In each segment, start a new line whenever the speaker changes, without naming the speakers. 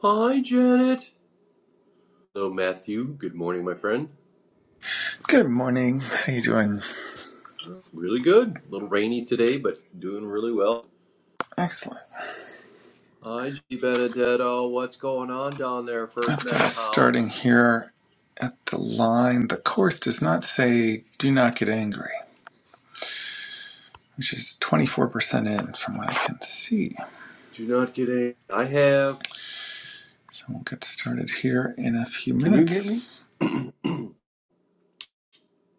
Hi, Janet. Hello, Matthew. Good morning, my friend.
Good morning. How you doing?
Really good. A little rainy today, but doing really well.
Excellent.
Hi, G. Benedetto. What's going on down there, First
I've got
member
us starting
House?
here at the line. The course does not say do not get angry, which is 24% in from what I can see.
Do not get any. I have.
So we'll get started here in a few
Can you hear me?
minutes.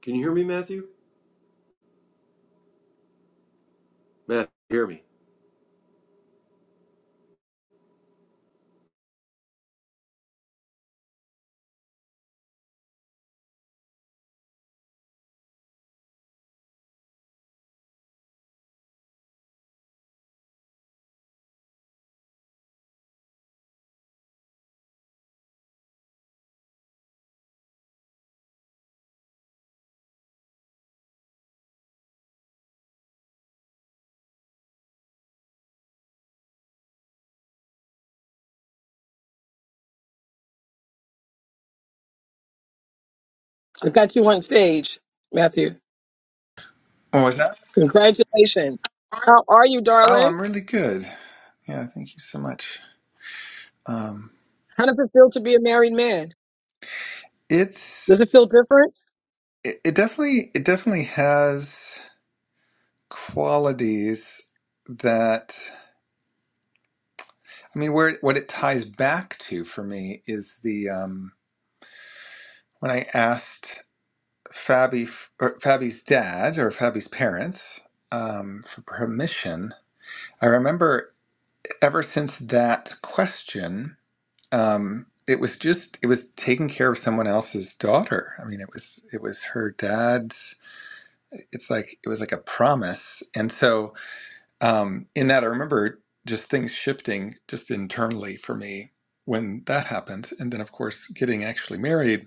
Can you hear me, Matthew? Matthew, hear me.
I got you on stage, Matthew.
What was that?
Congratulations. How are you,
Oh,
darling?
I'm really good. Yeah, thank you so much. Um,
How does it feel to be a married man?
it's
Does it feel different?
it, it definitely it definitely has qualities that I mean where what it ties back to for me is the um when I asked Fabi or Fabi's dad or Fabi's parents um, for permission. I remember ever since that question, um, it was just it was taking care of someone else's daughter. I mean, it was it was her dad's. It's like it was like a promise, and so um, in that, I remember just things shifting just internally for me when that happened, and then of course getting actually married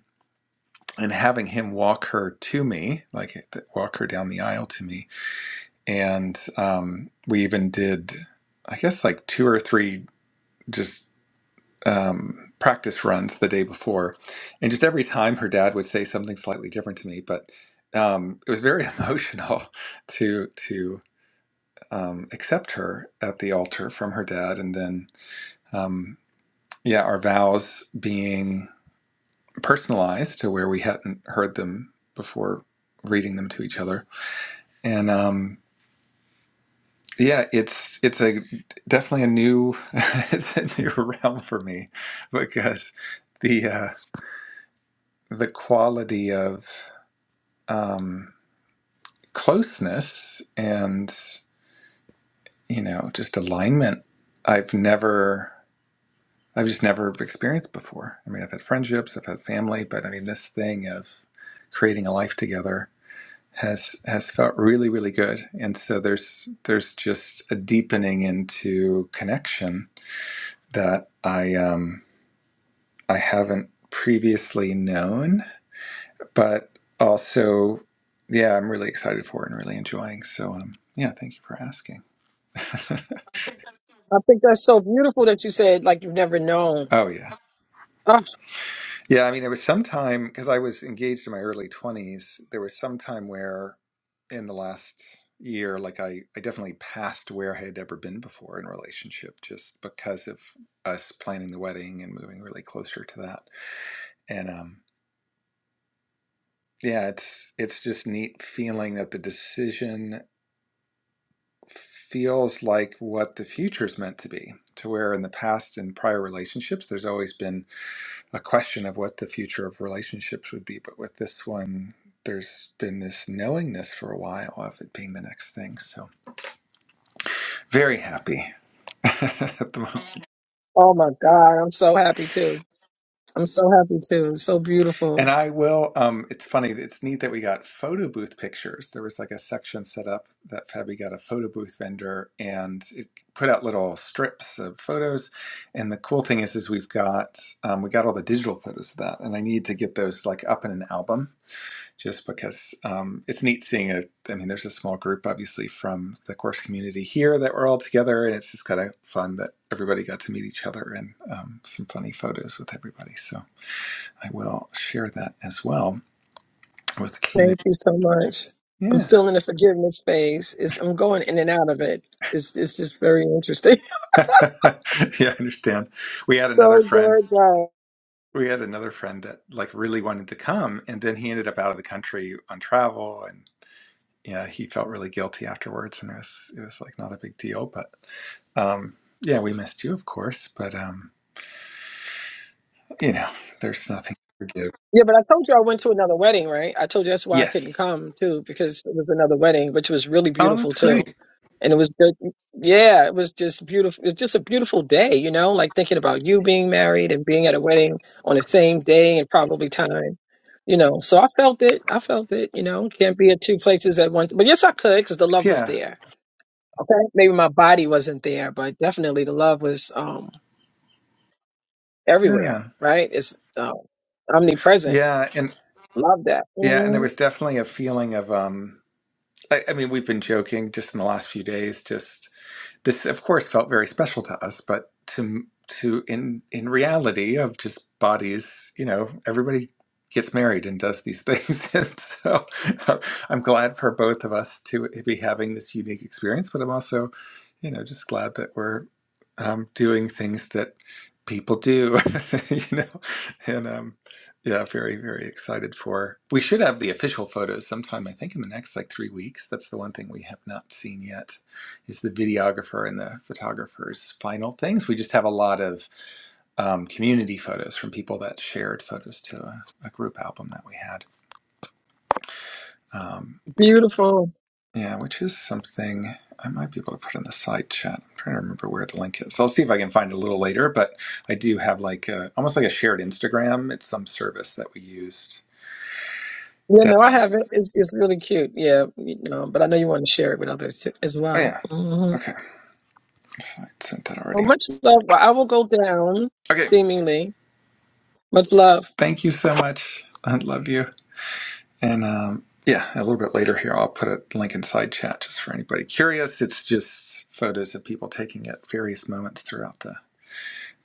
and having him walk her to me, like walk her down the aisle to me. And um, we even did, I guess, like two or three just um, practice runs the day before. And just every time her dad would say something slightly different to me, but um, it was very emotional to to um, accept her at the altar from her dad, and then um, yeah, our vows being personalized to where we hadn't heard them before reading them to each other and um, yeah, it's it's a definitely a new it's a new realm for me because the uh, the quality of um, closeness and you know just alignment I've never I've just never experienced before. I mean, I've had friendships, I've had family, but I mean this thing of creating a life together has has felt really really good and so there's there's just a deepening into connection that I um I haven't previously known, but also yeah, I'm really excited for it and really enjoying. So um yeah, thank you for asking.
I think that's so beautiful that you said like you've never known.
oh yeah.
Oh,
Yeah, I mean it was some time because I was engaged in my early 20s, there was some time where in the last year like I I definitely passed where I had ever been before in a relationship just because of us planning the wedding and moving really closer to that. and um. yeah, it's it's just neat feeling that the decision feels like what the future's meant to be. To where in the past in prior relationships, there's always been a question of what the future of relationships would be, but with this one, there's been this knowingness for a while of it being the next thing. So very happy at the moment.
oh my God, I'm so happy too. I'm so happy too. It's so beautiful.
And I will. Um, it's funny. It's neat that we got photo booth pictures. There was like a section set up that Fabi got a photo booth vendor, and it put out little strips of photos. And the cool thing is, is we've got um, we got all the digital photos of that, and I need to get those like up in an album, just because um, it's neat seeing a. I mean, there's a small group obviously from the course community here that we're all together, and it's just kind of fun that everybody got to meet each other and um, some funny photos with everybody. So. I will share that as well with the
Thank
community.
you so much. I'm
Yeah.
still in the forgiveness phase. It's, I'm going in and out of it. It's it's just very interesting.
yeah, I understand. We had another
so
friend.
good, guys.
We had another friend that like really wanted to come and then he ended up out of the country on travel and yeah, he felt really guilty afterwards and it was it was like not a big deal, but um yeah, we missed you of course, but um you know, there's nothing to forgive.
Yeah, but I told you I went to another wedding, right? I told you that's why I couldn't
Yes.
come too, because it was another wedding, which was really
Oh,
beautiful
that's
too.
great.
And it was good. Yeah, it was just beautiful. It's just a beautiful day, you know, like thinking about you being married and being at a wedding on the same day and probably time, you know. So I felt it. I felt it, you know. Can't be at two places at once. But yes, I could because the love was
Yeah.
there. Okay. Maybe my body wasn't there, but definitely the love was um everywhere,
Yeah.
right? It's um, omnipresent.
Yeah, and
Love that.
yeah, and there
Mm-hmm.
was definitely a feeling of um I, I mean, we've been joking just in the last few days, just this of course felt very special to us but to to in in reality of just bodies you know everybody gets married and does these things and so uh, i'm glad for both of us to be having this unique experience but i'm also you know just glad that we're um, doing things that people do you know and um yeah very very excited for we should have the official photos sometime i think in the next like three weeks that's the one thing we have not seen yet is the videographer and the photographer's final things. We just have a lot of um, community photos from people that shared photos to a, a group album that we had. Um,
Beautiful.
yeah, which is something I might be able to put in the side chat. I'm trying to remember where the link is. So I'll see if I can find it a little later, but I do have like a, almost like a shared Instagram. It's some service that we used
Yeah,
that.
no, I
Uh,
have it. It's it's really cute. Yeah, you know, but I know you want to share it with others too, as
oh,
well.
yeah.
hmm
Okay. So I sent that
Well,
already.
much love. Well, I will go down,
Okay.
seemingly. Much love.
Thank you so much. I love you. And um, yeah, a little bit later here, I'll put a link inside chat just for anybody curious. It's just photos of people taking at various moments throughout the,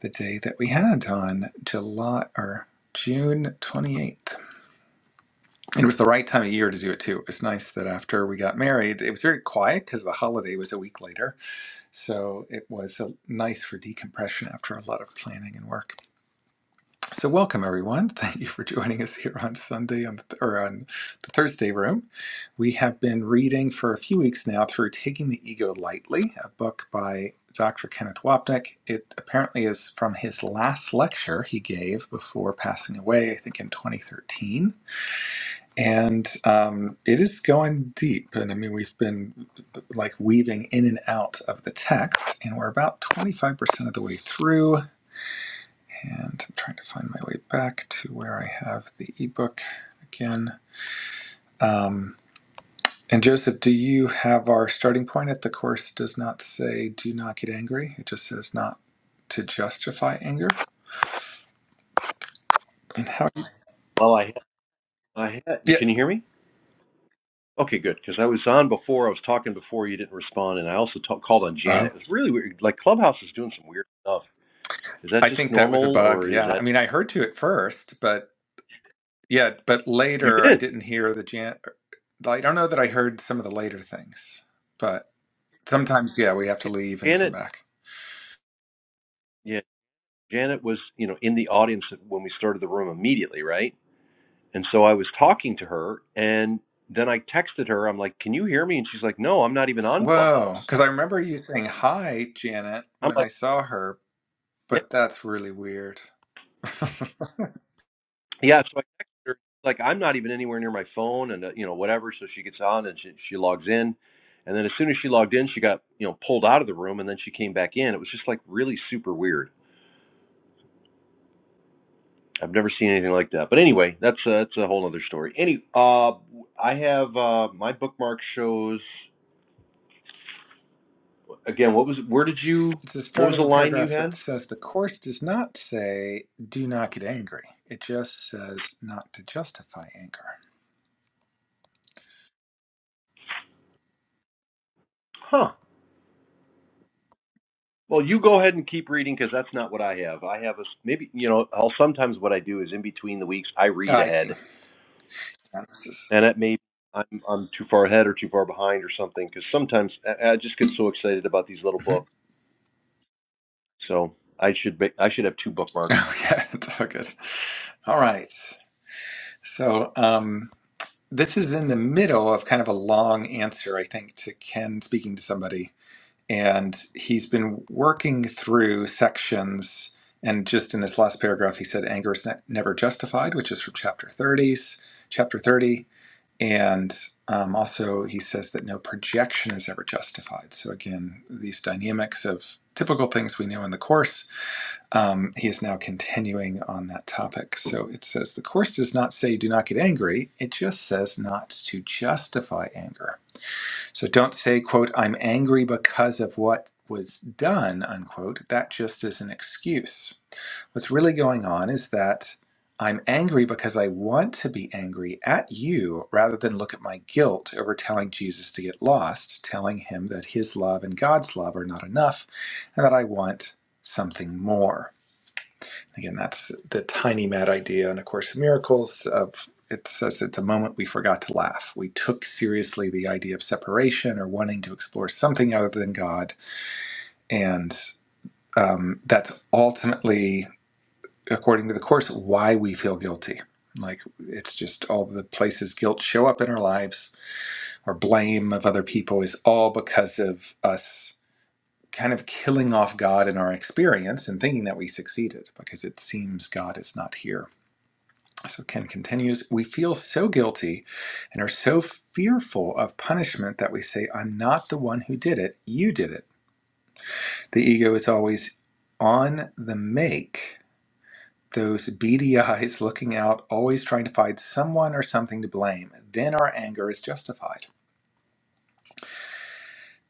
the day that we had on July or June 28th. And it was the right time of year to do it too. It was nice that after we got married, it was very quiet because the holiday was a week later. So it was uh nice for decompression after a lot of planning and work. So welcome everyone. Thank you for joining us here on Sunday on the, th- or on the Thursday room. We have been reading for a few weeks now through Taking the Ego Lightly, a book by Dr. Kenneth Wapnick. It apparently is from his last lecture he gave before passing away, I think in 2013. And um, it is going deep. And I mean, we've been like weaving in and out of the text, and we're about 25% of the way through and I'm trying to find my way back to where I have the ebook again. Um, and Joseph, do you have our starting point? At the course does not say "do not get angry." It just says "not to justify anger." And how?
Well, I I had.
Yeah,
Can you hear me? Okay, good. Because I was on before. I was talking before. You didn't respond, and I also talk, called on Janet.
Oh,
It was really weird. Like Clubhouse is doing some weird stuff. Is that
I
just
think that was a
normal,
bug.
or is
Yeah, I
that
mean, I heard to at first, but yeah, but
you
later I
did?
didn't hear the Jan. I don't know that I heard some of the later things, but sometimes yeah, we have to
Yeah,
leave and come
Janet.
back.
Janet was, you know, in the audience when we started the room immediately, right? And so I was talking to her and then I texted her. I'm like, "Can you hear me?" And she's like, "No, I'm not even on
Whoa,
Clubhouse."
because I remember you saying hi, Janet,
I'm
when
like,
I saw her,
"Yeah."
but that's really weird.
Yeah, so I texted her like, "I'm not even anywhere near my phone and uh, you know, whatever." So she gets on and she she logs in. And then as soon as she logged in, she got, you know, pulled out of the room and then she came back in. It was just like really super weird. I've never seen anything like that. But anyway, that's a, that's a whole other story. Any uh I have uh my bookmark shows again, what was where did you
It's the
what
start
was
of
the
a
line you
paragraph that
had?
says the course does not say do not get angry. It just says not to justify anger.
Huh. Well, you go ahead and keep reading because that's not what I have. I have a maybe you know. I'll sometimes what I do is in between the weeks I read
Ah, I see.
ahead,
Now this is.
and it may I'm I'm too far ahead or too far behind or something because sometimes I, I just get so excited about these little
Mhm.
books. So I should be, I should have two bookmarks.
Oh yeah, it's all good. All right. So um, this is in the middle of kind of a long answer, I think, to Ken speaking to somebody and he's been working through sections and just in this last paragraph he said anger is ne- never justified which is from chapter 30s chapter 30 and um, also he says that no projection is ever justified so again these dynamics of typical things we know in the course um, he is now continuing on that topic so it says the course does not say do not get angry it just says not to justify anger so don't say, quote, I'm angry because of what was done, unquote. That just is an excuse. What's really going on is that I'm angry because I want to be angry at you rather than look at my guilt over telling Jesus to get lost, telling him that his love and God's love are not enough, and that I want something more. Again, that's the tiny mad idea in A Course in Miracles of it says it's a moment we forgot to laugh. We took seriously the idea of separation or wanting to explore something other than God. And um, that's ultimately, according to the Course, why we feel guilty. Like it's just all the places guilt show up in our lives or blame of other people is all because of us kind of killing off God in our experience and thinking that we succeeded because it seems God is not here. So Ken continues, we feel so guilty and are so fearful of punishment that we say, I'm not the one who did it, you did it. The ego is always on the make, those beady eyes looking out, always trying to find someone or something to blame. Then our anger is justified.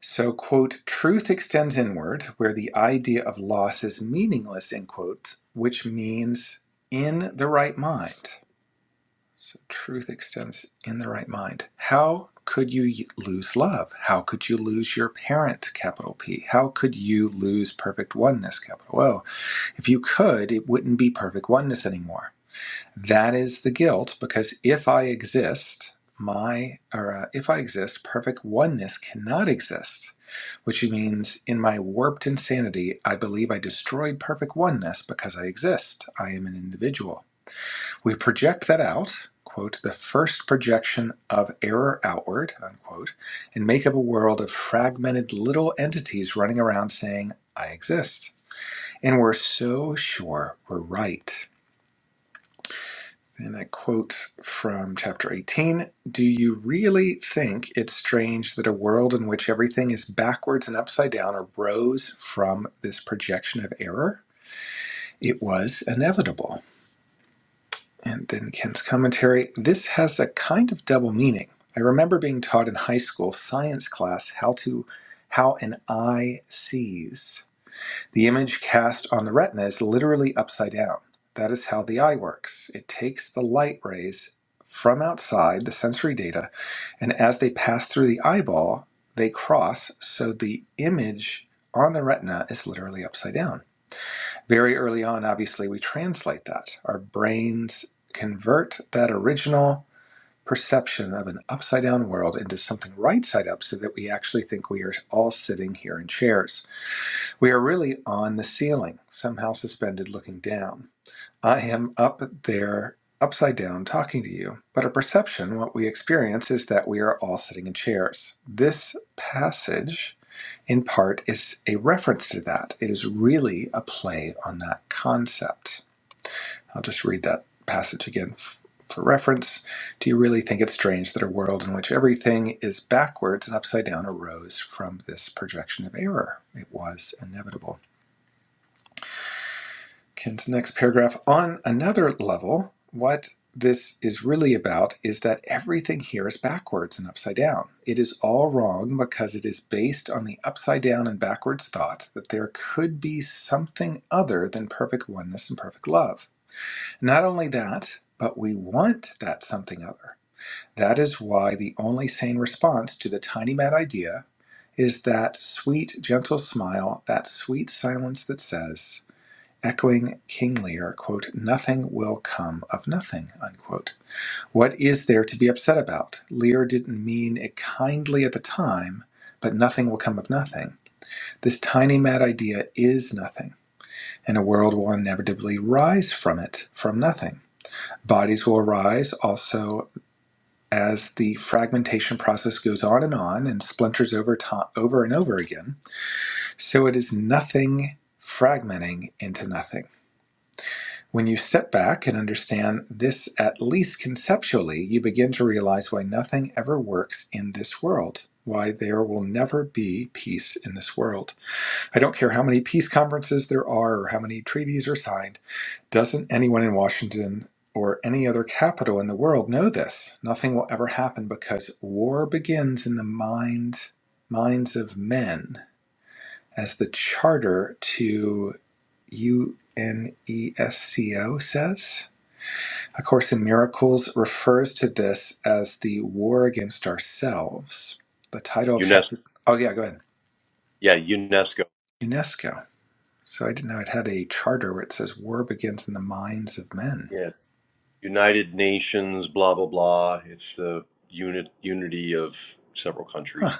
So, quote, truth extends inward, where the idea of loss is meaningless, end quote, which means in the right mind. So truth extends in the right mind. How could you lose love? How could you lose your parent, capital P? How could you lose perfect oneness, capital O? If you could, it wouldn't be perfect oneness anymore. That is the guilt because if I exist, my or uh, if I exist, perfect oneness cannot exist, which means in my warped insanity, I believe I destroyed perfect oneness because I exist. I am an individual. We project that out, quote, the first projection of error outward, unquote, and make up a world of fragmented little entities running around saying, I exist. And we're so sure we're right. And I quote from chapter 18 Do you really think it's strange that a world in which everything is backwards and upside down arose from this projection of error? It was inevitable. And then Ken's commentary this has a kind of double meaning. I remember being taught in high school science class how to how an eye sees. The image cast on the retina is literally upside down. That is how the eye works. It takes the light rays from outside the sensory data and as they pass through the eyeball, they cross so the image on the retina is literally upside down. Very early on, obviously, we translate that. Our brains convert that original perception of an upside down world into something right side up so that we actually think we are all sitting here in chairs. We are really on the ceiling, somehow suspended looking down. I am up there, upside down, talking to you. But our perception, what we experience, is that we are all sitting in chairs. This passage, in part, is a reference to that. It is really a play on that concept. I'll just read that passage again f- for reference. Do you really think it's strange that a world in which everything is backwards and upside down arose from this projection of error? It was inevitable. Ken's next paragraph on another level, what this is really about is that everything here is backwards and upside down. It is all wrong because it is based on the upside down and backwards thought that there could be something other than perfect oneness and perfect love. Not only that, but we want that something other. That is why the only sane response to the tiny mad idea is that sweet, gentle smile, that sweet silence that says, Echoing King Lear, quote, nothing will come of nothing, unquote. What is there to be upset about? Lear didn't mean it kindly at the time, but nothing will come of nothing. This tiny mad idea is nothing, and a world will inevitably rise from it, from nothing. Bodies will arise also as the fragmentation process goes on and on and splinters over, to- over and over again. So it is nothing fragmenting into nothing. When you step back and understand this, at least conceptually, you begin to realize why nothing ever works in this world, why there will never be peace in this world. I don't care how many peace conferences there are or how many treaties are signed, doesn't anyone in Washington or any other capital in the world know this? Nothing will ever happen because war begins in the mind minds of men as the charter to UNESCO says a Course in Miracles refers to this as the war against ourselves. The title of
UNESCO,
chapter. Oh, yeah, go ahead.
yeah, UNESCO,
UNESCO. So I didn't know it had a charter where it says war begins in the minds of men.
yeah, United Nations, blah blah blah. It's the unit unity of several countries.
Huh,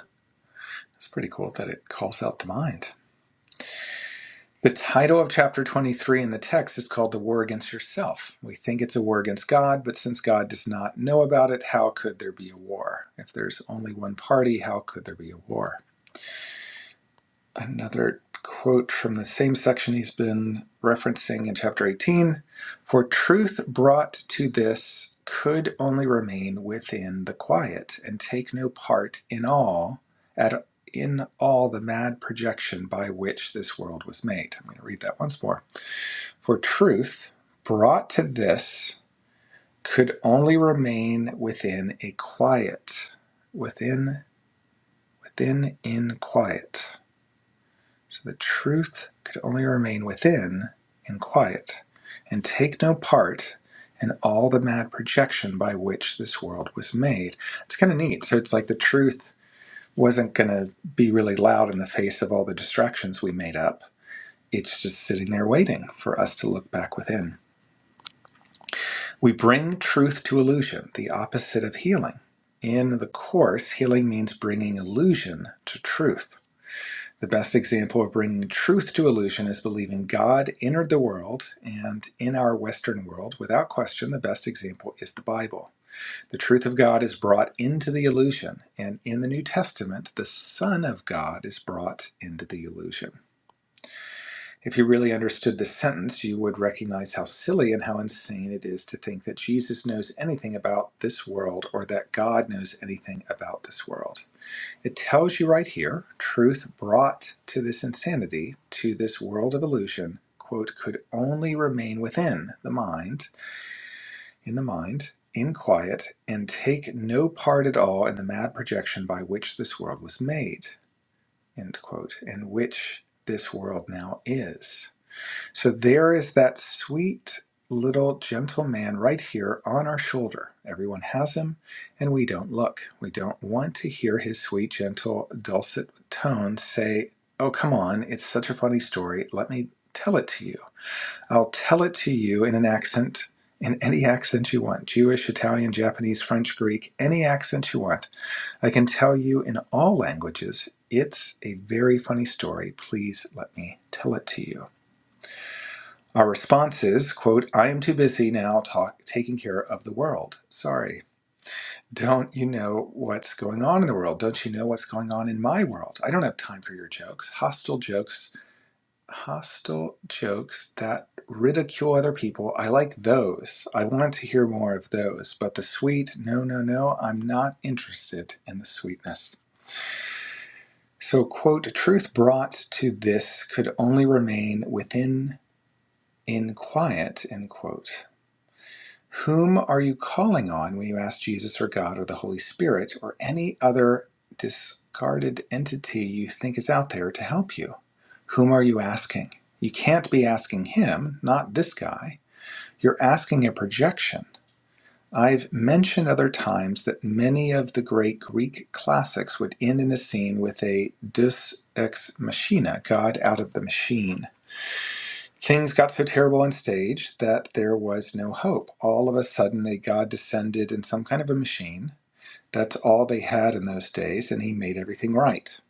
that's pretty cool that it calls out the mind. The title of chapter 23 in the text is called The War Against Yourself. We think it's a war against God, but since God does not know about it, how could there be a war? If there's only one party, how could there be a war? another quote from the same section he's been referencing in chapter 18 For truth brought to this could only remain within the quiet and take no part in all at in all the mad projection by which this world was made. I'm going to read that once more. For truth brought to this could only remain within a quiet, within within in quiet So the truth could only remain within in quiet, and take no part in all the mad projection by which this world was made. It's kind of neat. So it's like the truth wasn't going to be really loud in the face of all the distractions we made up. It's just sitting there waiting for us to look back within. We bring truth to illusion, the opposite of healing. In the Course, healing means bringing illusion to truth. The best example of bringing truth to illusion is believing God entered the world, and in our Western world, without question, the best example is the Bible. The truth of God is brought into the illusion, and in the New Testament, the Son of God is brought into the illusion. If you really understood this sentence, you would recognize how silly and how insane it is to think that Jesus knows anything about this world or that God knows anything about this world. It tells you right here truth brought to this insanity, to this world of illusion, quote, could only remain within the mind, in the mind, in quiet, and take no part at all in the mad projection by which this world was made, end quote, and which this world now is. So there is that sweet little gentle man right here on our shoulder. Everyone has him, and we don't look. We don't want to hear his sweet, gentle, dulcet tones say, Oh, come on, it's such a funny story. Let me tell it to you. I'll tell it to you in an accent, in any accent you want Jewish, Italian, Japanese, French, Greek, any accent you want. I can tell you in all languages. It's a very funny story. Please let me tell it to you. Our response is, quote, I am too busy now talk, taking care of the world. Sorry. Don't you know what's going on in the world? Don't you know what's going on in my world? I don't have time for your jokes. Hostile jokes, hostile jokes that ridicule other people. I like those. I want to hear more of those. But the sweet, no, no, no, I'm not interested in the sweetness. So, quote, truth brought to this could only remain within in quiet, end quote. Whom are you calling on when you ask Jesus or God or the Holy Spirit or any other discarded entity you think is out there to help you? Whom are you asking? You can't be asking him, not this guy. You're asking a projection. I've mentioned other times that many of the great Greek classics would end in a scene with a deus ex machina, God out of the machine. Things got so terrible on stage that there was no hope. All of a sudden, a god descended in some kind of a machine. That's all they had in those days, and he made everything right.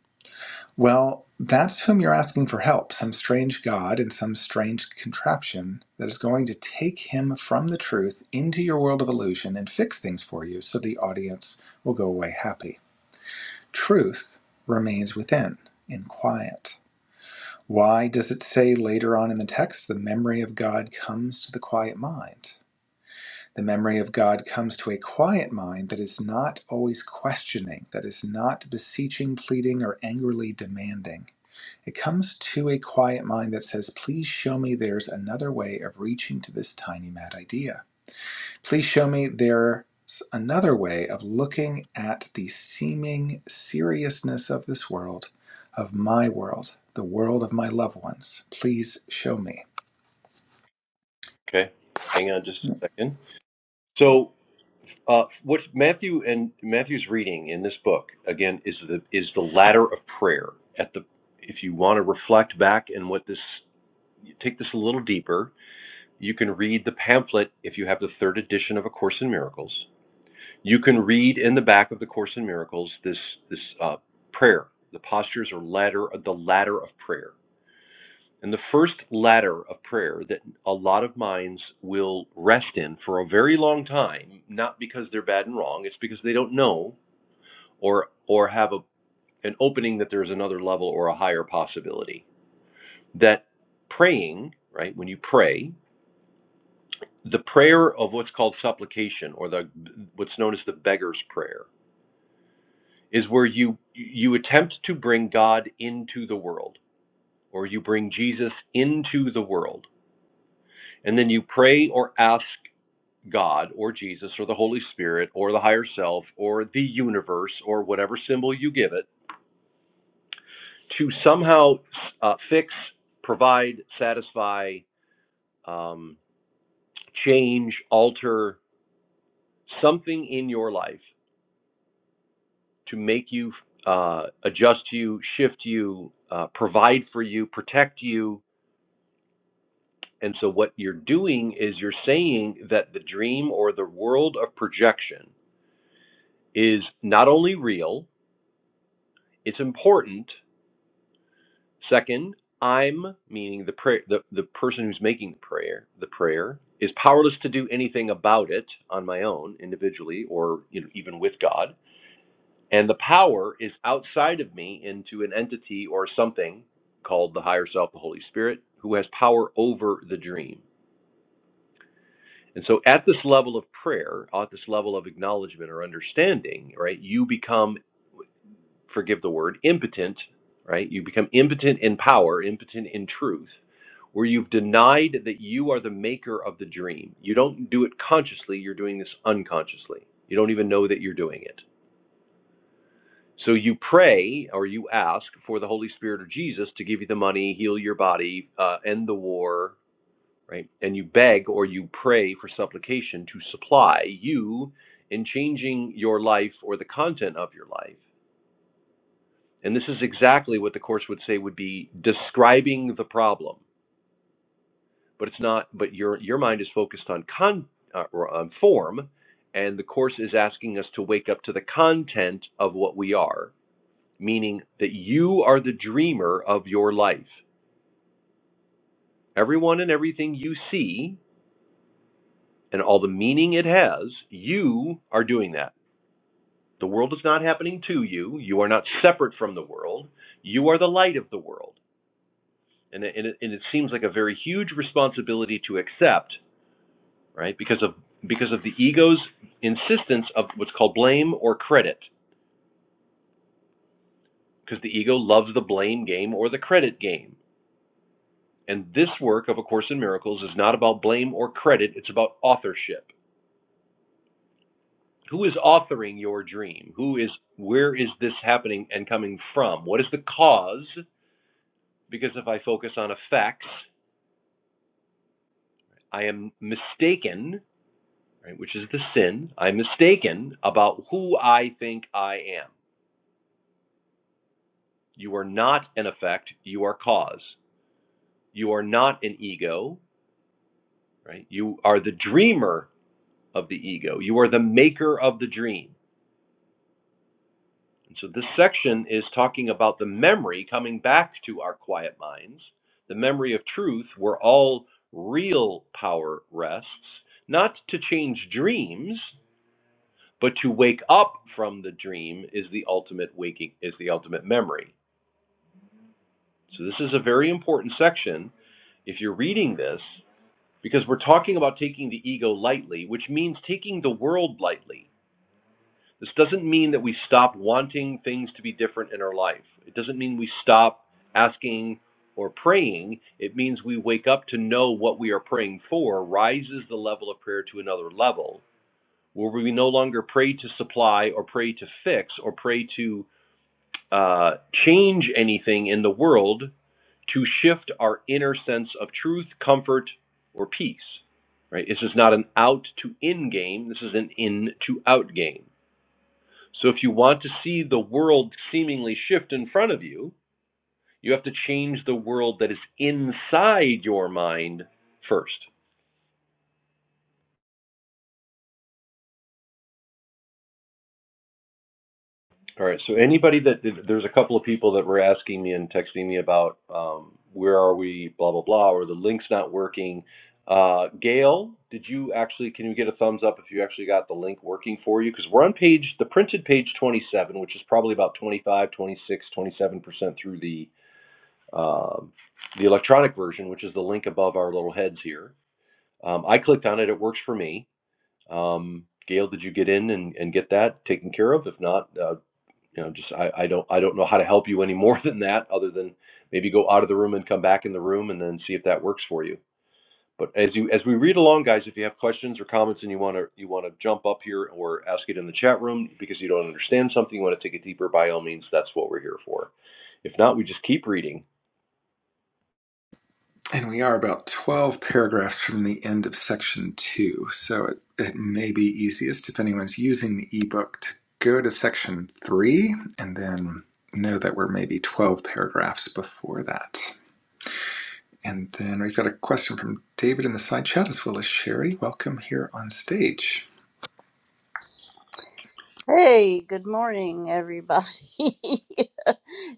Well, that's whom you're asking for help some strange god in some strange contraption that is going to take him from the truth into your world of illusion and fix things for you so the audience will go away happy. Truth remains within in quiet. Why does it say later on in the text, the memory of God comes to the quiet mind? The memory of God comes to a quiet mind that is not always questioning, that is not beseeching, pleading, or angrily demanding. It comes to a quiet mind that says, Please show me there's another way of reaching to this tiny mad idea. Please show me there's another way of looking at the seeming seriousness of this world, of my world, the world of my loved ones. Please show me.
Okay, hang on just a second. so. Uh, what Matthew and Matthew's reading in this book again is the is the ladder of prayer. At the if you want to reflect back and what this take this a little deeper, you can read the pamphlet if you have the third edition of A Course in Miracles. You can read in the back of the Course in Miracles this this uh, prayer, the postures or ladder the ladder of prayer. And the first ladder of prayer that a lot of minds will rest in for a very long time, not because they're bad and wrong, it's because they don't know or or have a, an opening that there's another level or a higher possibility. That praying, right? When you pray, the prayer of what's called supplication or the what's known as the beggar's prayer is where you you attempt to bring God into the world or you bring Jesus into the world and then you pray or ask God or Jesus or the Holy Spirit or the higher self or the universe or whatever symbol you give it to somehow uh, fix, provide, satisfy, um, change, alter something in your life to make you uh, adjust you, shift you, uh, provide for you, protect you. And so, what you're doing is you're saying that the dream or the world of projection is not only real, it's important, Second, I'm meaning the prayer the, the person who's making the prayer the prayer is powerless to do anything about it on my own individually or you know, even with God and the power is outside of me into an entity or something called the higher self the Holy Spirit who has power over the dream. And so at this level of prayer, at this level of acknowledgement or understanding, right, you become forgive the word impotent, right? You become impotent in power, impotent in truth where you've denied that you are the maker of the dream. You don't do it consciously, you're doing this unconsciously. You don't even know that you're doing it. So you pray or you ask for the Holy Spirit or Jesus to give you the money, heal your body, uh, end the war, right? And you beg or you pray for supplication to supply you in changing your life or the content of your life. And this is exactly what the Course would say would be describing the problem but it's not but your your mind is focused on con uh, or on form and the course is asking us to wake up to the content of what we are meaning that you are the dreamer of your life everyone and everything you see and all the meaning it has you are doing that the world is not happening to you you are not separate from the world you are the light of the world and it, and it, and it seems like a very huge responsibility to accept right? Because of because of the ego's insistence of what's called blame or credit, because the ego loves the blame game or the credit game. And this work of A Course in Miracles is not about blame or credit, it's about authorship. Who is authoring your dream? Who is where is this happening and coming from? What is the cause? Because if I focus on effects, I am mistaken, right, which is the sin. I'm mistaken about who I think I am. You are not an effect, you are cause. You are not an ego, right? You are the dreamer of the ego. You are the maker of the dream. And so this section is talking about the memory coming back to our quiet minds, the memory of truth where all real power rests, not to change dreams, but to wake up from the dream is the ultimate waking is the ultimate memory. So this is a very important section. If you're reading this, because we're talking about taking the ego lightly, which means taking the world lightly. This doesn't mean that we stop wanting things to be different in our life. It doesn't mean we stop asking or praying. It means we wake up to know what we are praying for rises the level of prayer to another level where we no longer pray to supply or pray to fix or pray to uh, change anything in the world to shift our inner sense of truth, comfort, or peace. Right? This is not an out to in game. This is an in to out game. So if you want to see the world seemingly shift in front of you, you have to change the world that is inside your mind first. All right. So anybody that there's a couple of people that were asking me and texting me about um, where are we, blah blah blah, or the link's not working. Uh, Gail, did you actually? Can you get a thumbs up if you actually got the link working for you? Because we're on page the printed page 27, which is probably about 25, 26, 27 percent through the um, the electronic version, which is the link above our little heads here. Um, I clicked on it. It works for me. Um, Gail, did you get in and, and get that taken care of? If not, uh, you know, just I, I don't I don't know how to help you any more than that, other than maybe go out of the room and come back in the room and then see if that works for you. But as you as we read along, guys, if you have questions or comments and you want to you want to jump up here or ask it in the chat room because you don't understand something, you want to take it deeper, by all means, that's what we're here for. If not, we just keep reading.
And we are about 12 paragraphs from the end of section two, so it, it may be easiest if anyone's using the ebook to go to section three and then know that we're maybe 12 paragraphs before that. And then we have got a question from David in the side chat as well as Sherry. Welcome here on stage.
Hey, good morning, everybody.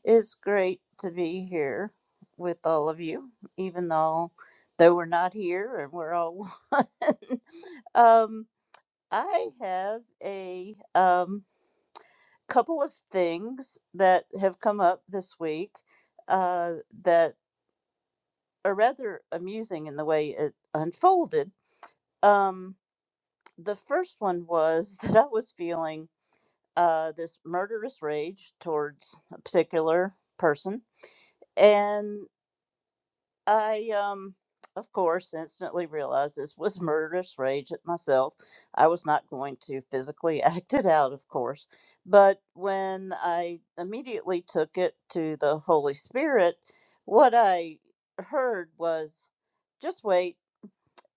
it's great to be here with all of you, even though though we're not here and we're all one. um, I have a um, couple of things that have come up this week uh, that are rather amusing in the way it unfolded. Um, the first one was that I was feeling uh, this murderous rage towards a particular person. And I, um, of course, instantly realized this was murderous rage at myself. I was not going to physically act it out, of course. But when I immediately took it to the Holy Spirit, what I heard was, just wait.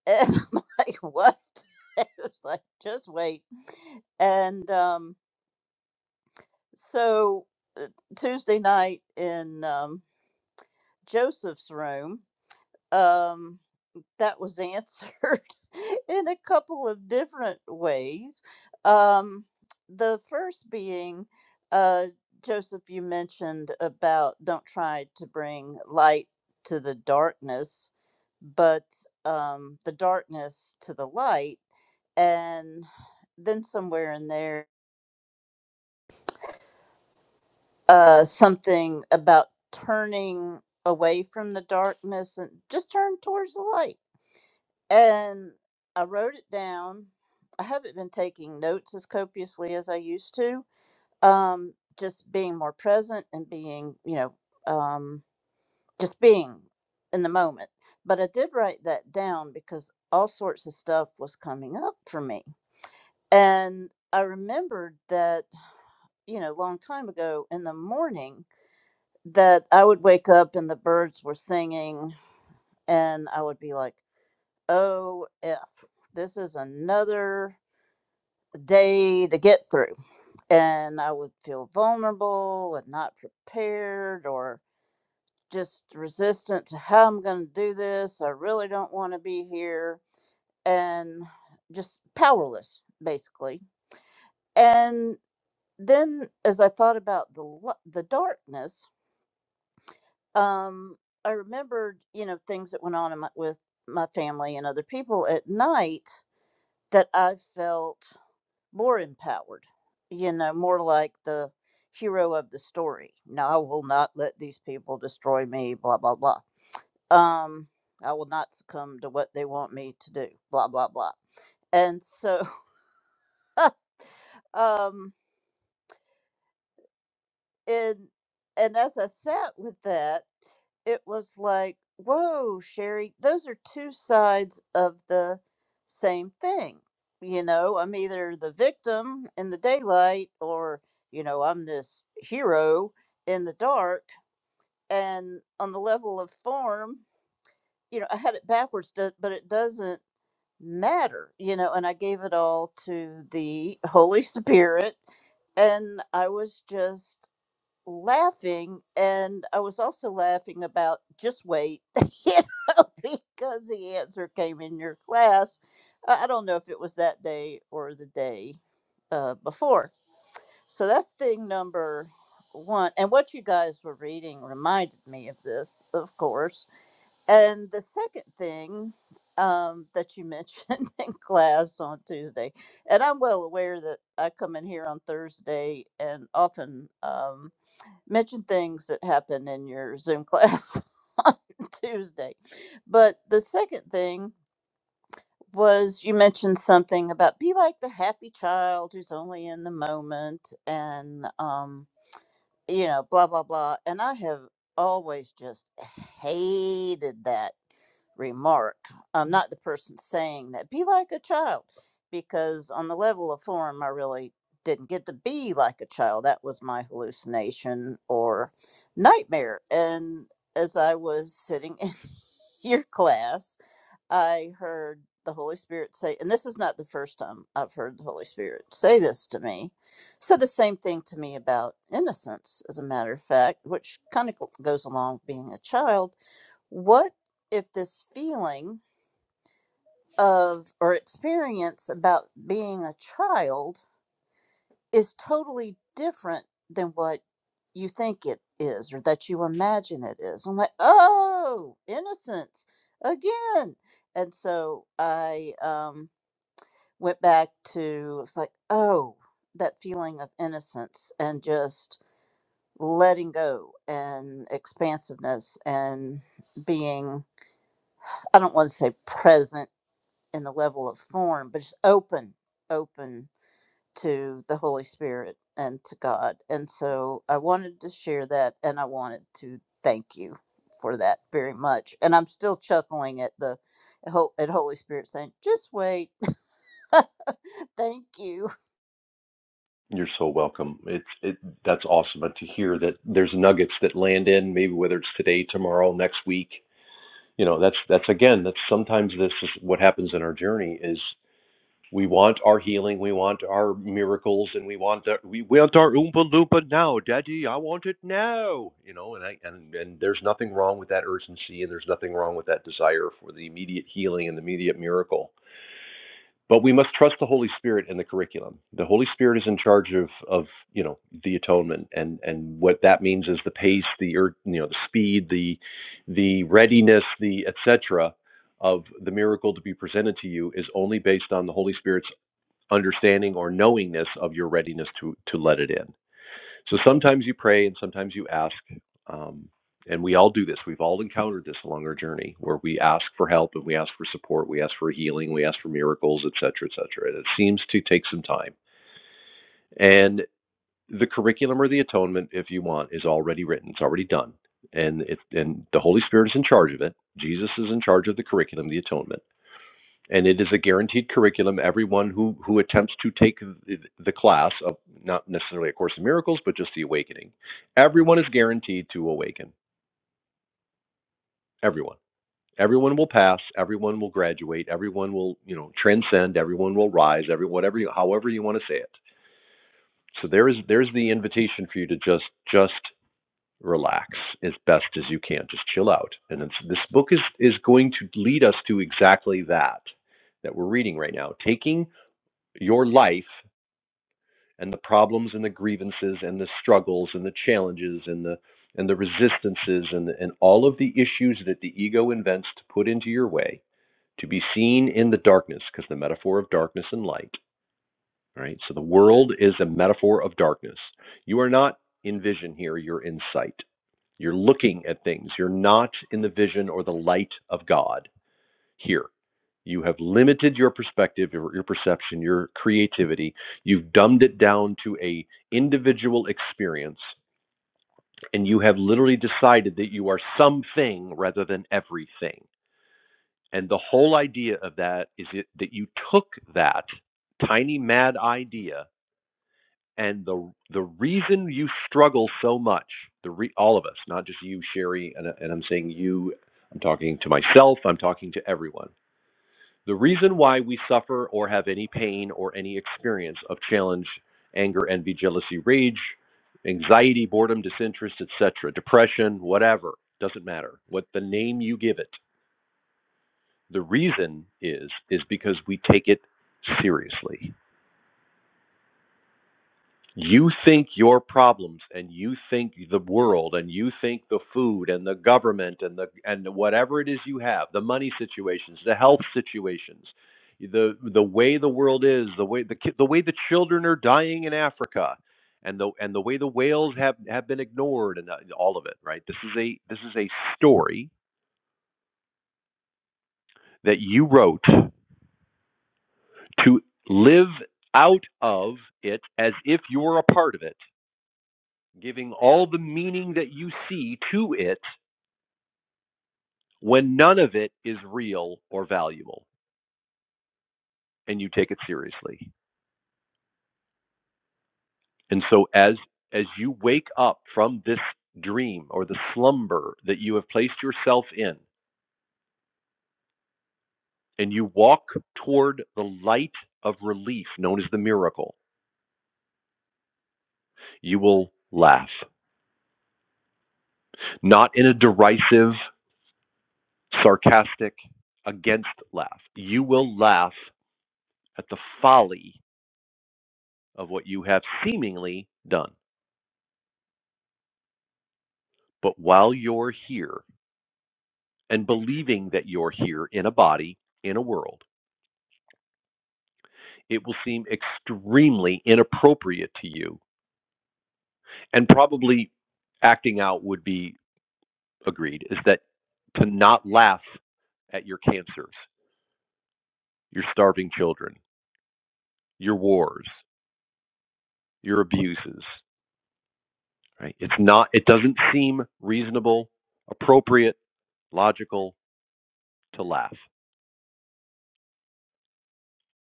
And I'm like, what? it was like, just wait. And, um. so uh, Tuesday night in um, Joseph's room, um, that was answered in a couple of different ways. Um, the first being, uh, Joseph, you mentioned about don't try to bring light to the darkness, but um, the darkness to the light. And then somewhere in there, uh, something about turning away from the darkness and just turn towards the light. And I wrote it down. I haven't been taking notes as copiously as I used to. Um, just being more present and being, you know, um, just being in the moment. But I did write that down because all sorts of stuff was coming up for me. And I remembered that, you know, long time ago in the morning, that I would wake up and the birds were singing, and I would be like, "Oh, f, this is another day to get through," and I would feel vulnerable and not prepared, or just resistant to how I'm going to do this. I really don't want to be here, and just powerless, basically. And then, as I thought about the lu- the darkness um, I remembered, you know, things that went on in my, with my family and other people at night that I felt more empowered, you know, more like the hero of the story. No, I will not let these people destroy me, blah, blah, blah. Um, I will not succumb to what they want me to do, blah, blah, blah. And so, um, and, and as I sat with that, it was like, whoa, Sherry, those are two sides of the same thing. You know, I'm either the victim in the daylight or, you know, I'm this hero in the dark. And on the level of form, you know, I had it backwards, do- but it doesn't matter, you know, and I gave it all to the Holy Spirit. And I was just laughing and i was also laughing about just wait you because the answer came in your class. I I don't know if it was that day or the day uh, before. So that's thing number one. And what you guys were reading reminded me of this, of course. And the second thing um, that you mentioned in class on Tuesday, and I'm well aware that I come in here on Thursday and often. Um, mention things that happen in your Zoom class on Tuesday. But the second thing was you mentioned something about be like the happy child who's only in the moment and um you know blah blah blah and I have always just hated that remark. I'm not the person saying that. Be like a child, because on the level of form, I really didn't get to be like a child. That was my hallucination or nightmare. And as I was sitting in your class, I heard the Holy Spirit say, and this is not the first time I've heard the Holy Spirit say this to me, said the same thing to me about innocence, as a matter of fact, which kind of goes along with being a child what if this feeling of or experience about being a child is totally different than what you think it is or that you imagine it is? I'm like, oh, innocence again. And so I um, went back to, it's like, oh, that feeling of innocence and just letting go and expansiveness and being I don't want to say present in the level of form, but just open, open to the Holy Spirit and to God. And so I wanted to share that and I wanted to thank you for that very much. And I'm still chuckling at the at Holy Spirit saying, just wait. thank you.
You're so welcome. It's it that's awesome to hear that there's nuggets that land in maybe whether it's today, tomorrow, next week. You know, that's that's again that's sometimes this is what happens in our journey is. We want our healing, we want our miracles, and we want the, we want our oompa loompa now, Daddy. I want it now, you know. And I and and there's nothing wrong with that urgency, and there's nothing wrong with that desire for the immediate healing and the immediate miracle. But we must trust the Holy Spirit in the curriculum. The Holy Spirit is in charge of of you know the atonement, and and what that means is the pace, the you know the speed, the the readiness, the etc. Of the miracle to be presented to you is only based on the Holy Spirit's understanding or knowingness of your readiness to to let it in. So sometimes you pray and sometimes you ask, um, and we all do this. We've all encountered this along our journey where we ask for help and we ask for support, we ask for healing, we ask for miracles, et cetera, et cetera. And it seems to take some time. And the curriculum or the atonement, if you want, is already written. It's already done, and it and the Holy Spirit is in charge of it. Jesus is in charge of the curriculum, the atonement and it is a guaranteed curriculum. Everyone who who attempts to take the, the class of not necessarily a Course in Miracles, but just the awakening, everyone is guaranteed to awaken. Everyone, everyone will pass. Everyone will graduate. Everyone will you know transcend. Everyone will rise. Every whatever you, however you want to say it. So there is there's the invitation for you to just just relax as best as you can. Just chill out. And it's, this book is is going to lead us to exactly that that we're reading right now. Taking your life and the problems and the grievances and the struggles and the challenges and the and the resistances and the, and all of the issues that the ego invents to put into your way to be seen in the darkness because the metaphor of darkness and light right so the world is a metaphor of darkness you are not in vision here you're in sight you're looking at things you're not in the vision or the light of god here. You have limited your perspective, your, your perception, your creativity. You've dumbed it down to a individual experience, and you have literally decided that you are something rather than everything. And the whole idea of that is it, that you took that tiny mad idea, and the the reason you struggle so much, the re, all of us, not just you, Sherry, and, and I'm saying you, I'm talking to myself, I'm talking to everyone The reason why we suffer or have any pain or any experience of challenge, anger, envy, jealousy, rage, anxiety, boredom, disinterest, etc., depression, whatever, doesn't matter. What the name you give it, the reason is is because we take it seriously. You think your problems and you think the world and you think the food and the government and the and whatever it is you have, the money situations, the health situations, the the way the world is, the way the ki- the way the children are dying in Africa and the and the way the whales have have been ignored and uh, all of it, right? This is a this is a story that you wrote to live out of it as if you're a part of it giving all the meaning that you see to it when none of it is real or valuable and you take it seriously and so as as you wake up from this dream or the slumber that you have placed yourself in and you walk toward the light of relief known as the miracle you will laugh not in a derisive sarcastic against laugh you will laugh at the folly of what you have seemingly done But while you're here and believing that you're here in a body, in a world, it will seem extremely inappropriate to you. And probably acting out would be agreed is that to not laugh at your cancers, your starving children, your wars, your abuses, right? It's not, it doesn't seem reasonable, appropriate, logical to laugh.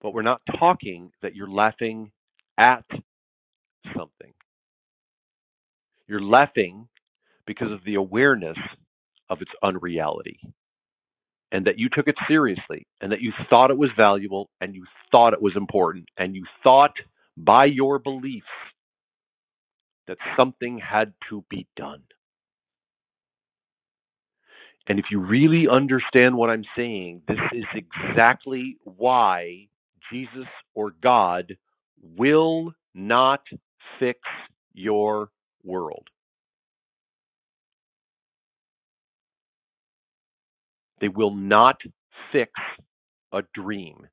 But we're not talking that you're laughing at something. You're laughing because of the awareness of its unreality and that you took it seriously and that you thought it was valuable and you thought it was important and you thought by your beliefs that something had to be done. And if you really understand what I'm saying, this is exactly why Jesus or God will not fix your world. They will not fix a dream,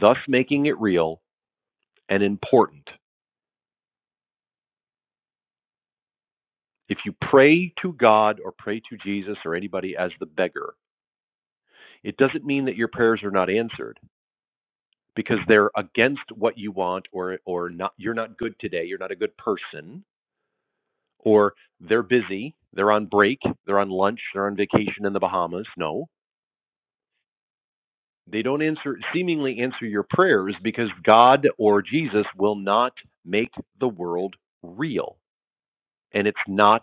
thus making it real and important. If you pray to God or pray to Jesus or anybody as the beggar, it doesn't mean that your prayers are not answered because they're against what you want or or not you're not good today, you're not a good person or they're busy, they're on break, they're on lunch, they're on vacation in the Bahamas. No. They don't answer seemingly answer your prayers because God or Jesus will not make the world real and it's not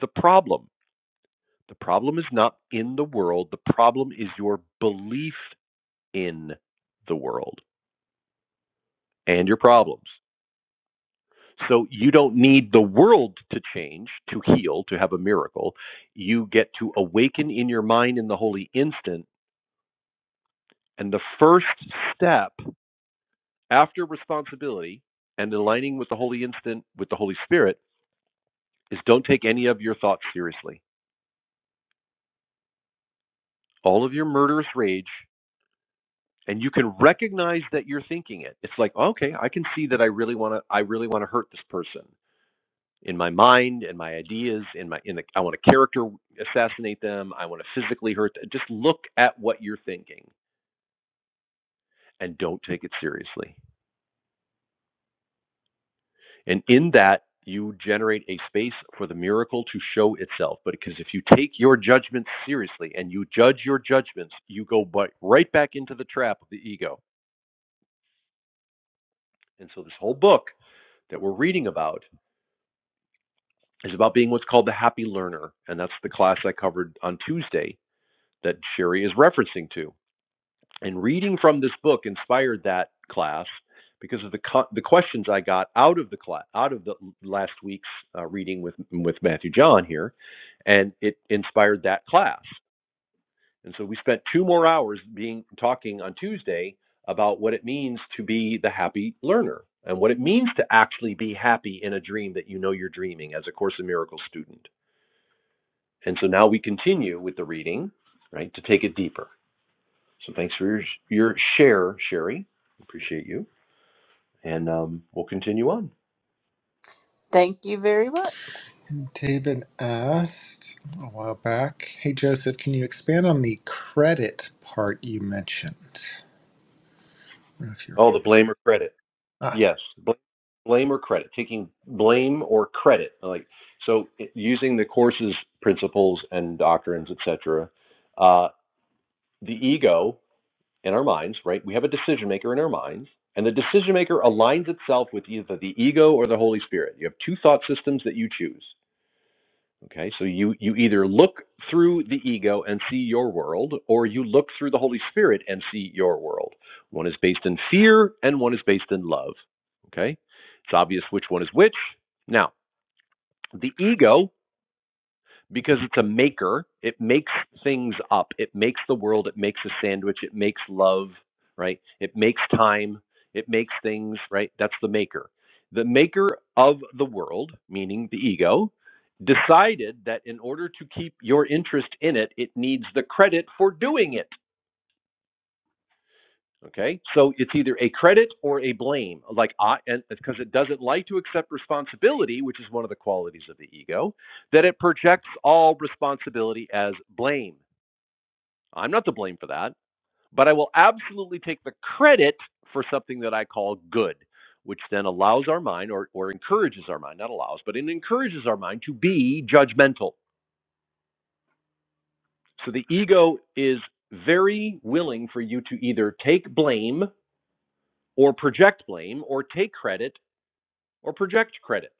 the problem. The problem is not in the world. The problem is your belief in the world and your problems. So you don't need the world to change, to heal, to have a miracle. You get to awaken in your mind in the holy instant. And the first step after responsibility and aligning with the holy instant, with the Holy Spirit, is don't take any of your thoughts seriously. All of your murderous rage, and you can recognize that you're thinking it. It's like, okay, I can see that I really want to I really want to hurt this person in my mind in my ideas in my in the I want to character assassinate them, I want to physically hurt them. Just look at what you're thinking and don't take it seriously. And in that you generate a space for the miracle to show itself. But because if you take your judgments seriously and you judge your judgments, you go right back into the trap of the ego. And so this whole book that we're reading about is about being what's called the happy learner. And that's the class I covered on Tuesday that Sherry is referencing to. And reading from this book inspired that class because of the co- the questions I got out of the class, out of the last week's uh, reading with with Matthew John here, and it inspired that class. And so we spent two more hours being talking on Tuesday about what it means to be the happy learner and what it means to actually be happy in a dream that you know you're dreaming as a Course in Miracles student. And so now we continue with the reading, right, to take it deeper. So thanks for your, your share, Sherry. Appreciate you. And um, we'll continue on.
Thank you very much.
And David asked a while back, "Hey Joseph, can you expand on the credit part you mentioned?" I don't know if you're
Oh, the blame or credit.
ah,
Yes, bl- blame or credit. Taking blame or credit. Like so, it- using the course's principles and doctrines, etc. Uh, the ego in our minds, right? We have a decision maker in our minds, and the decision maker aligns itself with either the ego or the Holy Spirit. You have two thought systems that you choose. Okay, so you, you either look through the ego and see your world, or you look through the Holy Spirit and see your world. One is based in fear and one is based in love. Okay, it's obvious which one is which. Now, the ego because it's a maker. It makes things up. It makes the world. It makes a sandwich. It makes love, right? It makes time. It makes things, right? That's the maker. The maker of the world, meaning the ego, decided that in order to keep your interest in it, it needs the credit for doing it. Okay, so it's either a credit or a blame, like I, and because it doesn't like to accept responsibility, which is one of the qualities of the ego, that it projects all responsibility as blame. I'm not to blame for that, but I will absolutely take the credit for something that I call good, which then allows our mind or, or encourages our mind, not allows, but it encourages our mind to be judgmental. So the ego is very willing for you to either take blame or project blame or take credit or project credit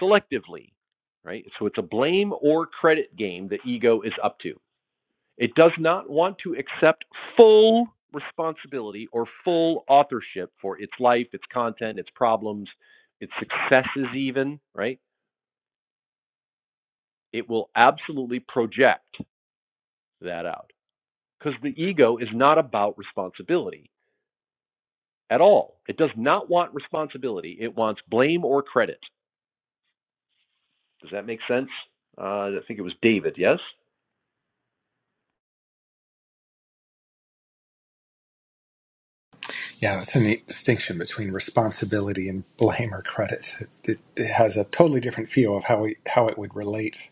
selectively, right? So it's a blame or credit game that ego is up to. It does not want to accept full responsibility or full authorship for its life, its content, its problems, its successes, even, right? It will absolutely project that out because the ego is not about responsibility at all. It does not want responsibility, it wants blame or credit. Does that make sense? Uh, I think it was David, yes?
yeah, that's a neat distinction between responsibility and blame or credit. It, it, it has a totally different feel of how we, how it would relate.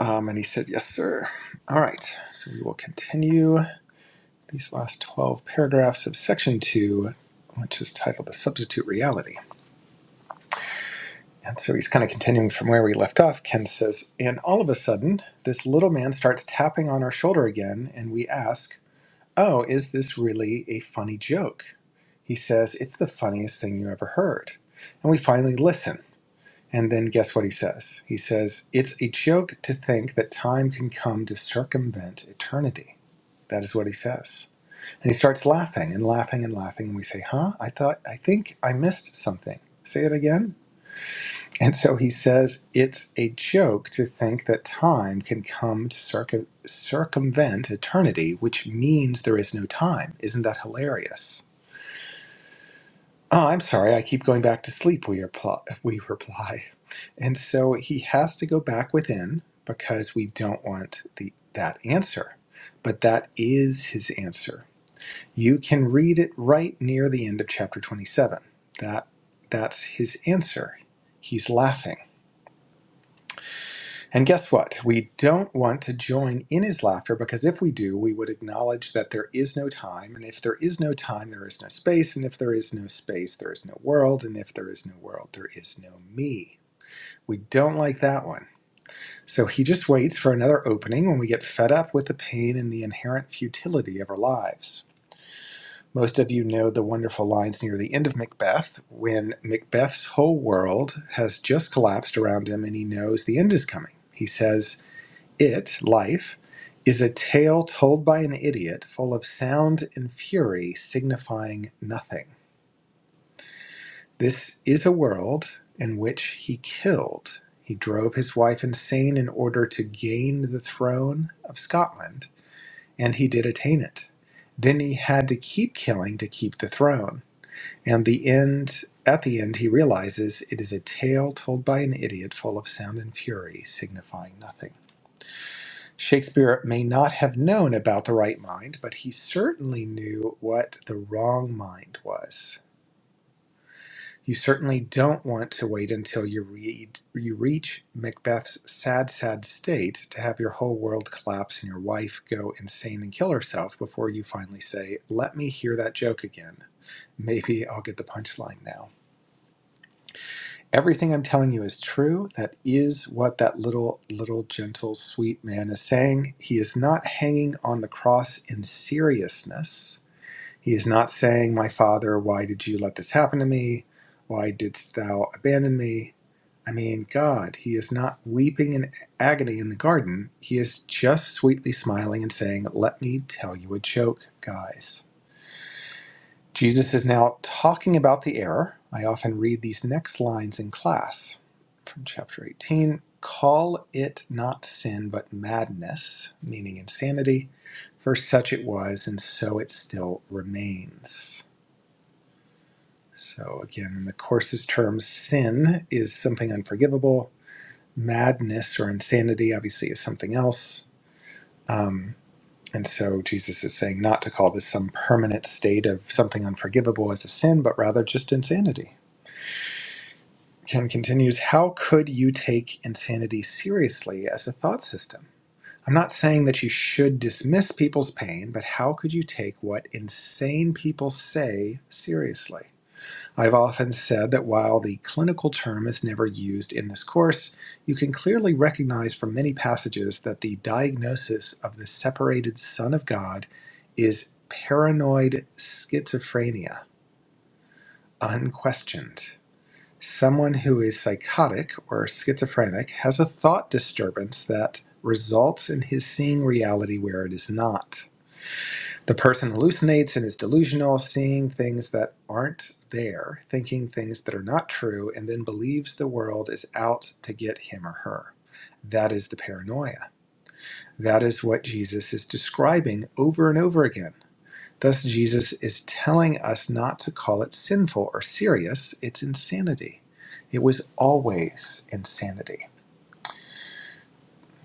Um, and he said, "Yes, sir." All right, so we will continue. these last 12 paragraphs of section 2, which is titled A Substitute Reality. And so he's kind of continuing from where we left off. Ken says, And all of a sudden, this little man starts tapping on our shoulder again, and we ask, Oh, is this really a funny joke? He says, It's the funniest thing you ever heard. And we finally listen. And then guess what he says? He says, It's a joke to think that time can come to circumvent eternity. That is what he says. And he starts laughing and laughing and laughing. And we say, Huh? I thought, I think I missed something. Say it again. And so he says, It's a joke to think that time can come to circu- circumvent eternity, which means there is no time. Isn't that hilarious? Oh, I'm sorry. I keep going back to sleep, we, repl- we reply. And so he has to go back within because we don't want the, that answer. But that is his answer You can read it right near the end of chapter 27. That that's his answer. He's laughing. And guess what? We don't want to join in his laughter because if we do, we would acknowledge that there is no time, and if there is no time, there is no space, and if there is no space, there is no world, and if there is no world, there is no me. We don't like that one. So he just waits for another opening when we get fed up with the pain and the inherent futility of our lives. Most of you know the wonderful lines near the end of Macbeth when Macbeth's whole world has just collapsed around him and he knows the end is coming. He says, It, life, is a tale told by an idiot, full of sound and fury, signifying nothing. This is a world in which he killed. He drove his wife insane in order to gain the throne of Scotland, and he did attain it. Then he had to keep killing to keep the throne. And the end, at the end, he realizes it is a tale told by an idiot full of sound and fury, signifying nothing. Shakespeare may not have known about the right mind, but he certainly knew what the wrong mind was. You certainly don't want to wait until you read you reach Macbeth's sad, sad state to have your whole world collapse and your wife go insane and kill herself before you finally say, "Let me hear that joke again. Maybe I'll get the punchline now." everything I'm telling you is true. That is what that little, little, gentle, sweet man is saying. He is not hanging on the cross in seriousness. He is not saying, My father, why did you let this happen to me? Why didst thou abandon me? I mean, God, he is not weeping in agony in the garden. He is just sweetly smiling and saying, Let me tell you a joke, guys. Jesus is now talking about the error. I often read these next lines in class from chapter 18 Call it not sin, but madness, meaning insanity, for such it was, and so it still remains. So, again, in the course's terms, sin is something unforgivable. Madness or insanity, obviously, is something else. Um, and so Jesus is saying not to call this some permanent state of something unforgivable as a sin, but rather just insanity. Ken continues, How could you take insanity seriously as a thought system? I'm not saying that you should dismiss people's pain, but how could you take what insane people say seriously? I've often said that while the clinical term is never used in this course, you can clearly recognize from many passages that the diagnosis of the separated Son of God is paranoid schizophrenia, unquestioned. Someone who is psychotic or schizophrenic has a thought disturbance that results in his seeing reality where it is not. The person hallucinates and is delusional, seeing things that aren't there, thinking things that are not true, and then believes the world is out to get him or her. That is the paranoia. That is what Jesus is describing over and over again Thus, Jesus is telling us not to call it sinful or serious, it's insanity. It was always insanity.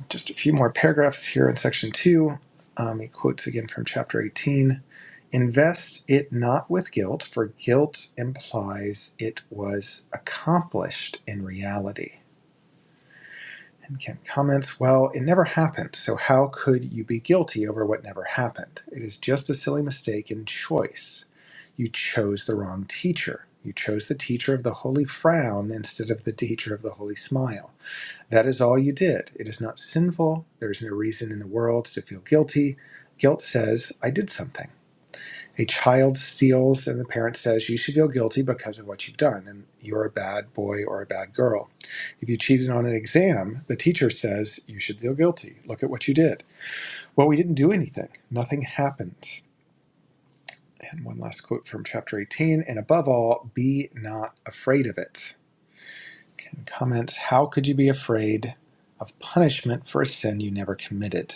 Just a few more paragraphs here in section two. Um, he quotes again from chapter 18 Invest it not with guilt, for guilt implies it was accomplished in reality. And Kent comments, Well, it never happened, so how could you be guilty over what never happened? It is just a silly mistake in choice. You chose the wrong teacher. You chose the teacher of the holy frown instead of the teacher of the holy smile. That is all you did. It is not sinful. There is no reason in the world to feel guilty. Guilt says, I did something a child steals and the parent says you should feel guilty because of what you've done and you're a bad boy or a bad girl if you cheated on an exam the teacher says you should feel guilty look at what you did well we didn't do anything nothing happened and one last quote from chapter 18 and above all be not afraid of it and comments how could you be afraid of punishment for a sin you never committed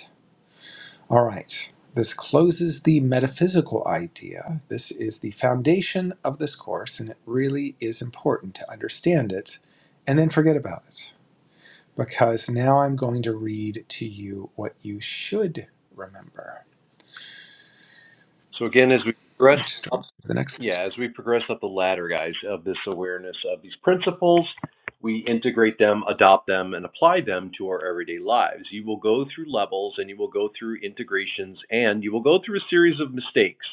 All right. This closes the metaphysical idea. This is the foundation of this course, and it really is important to understand it and then forget about it. Because now I'm going to read to you what you should remember,
So again, as we progress
which is the next section.
yeah, as we progress up the ladder, guys, of this awareness of these principles, we integrate them, adopt them, and apply them to our everyday lives. You will go through levels and you will go through integrations and you will go through a series of mistakes.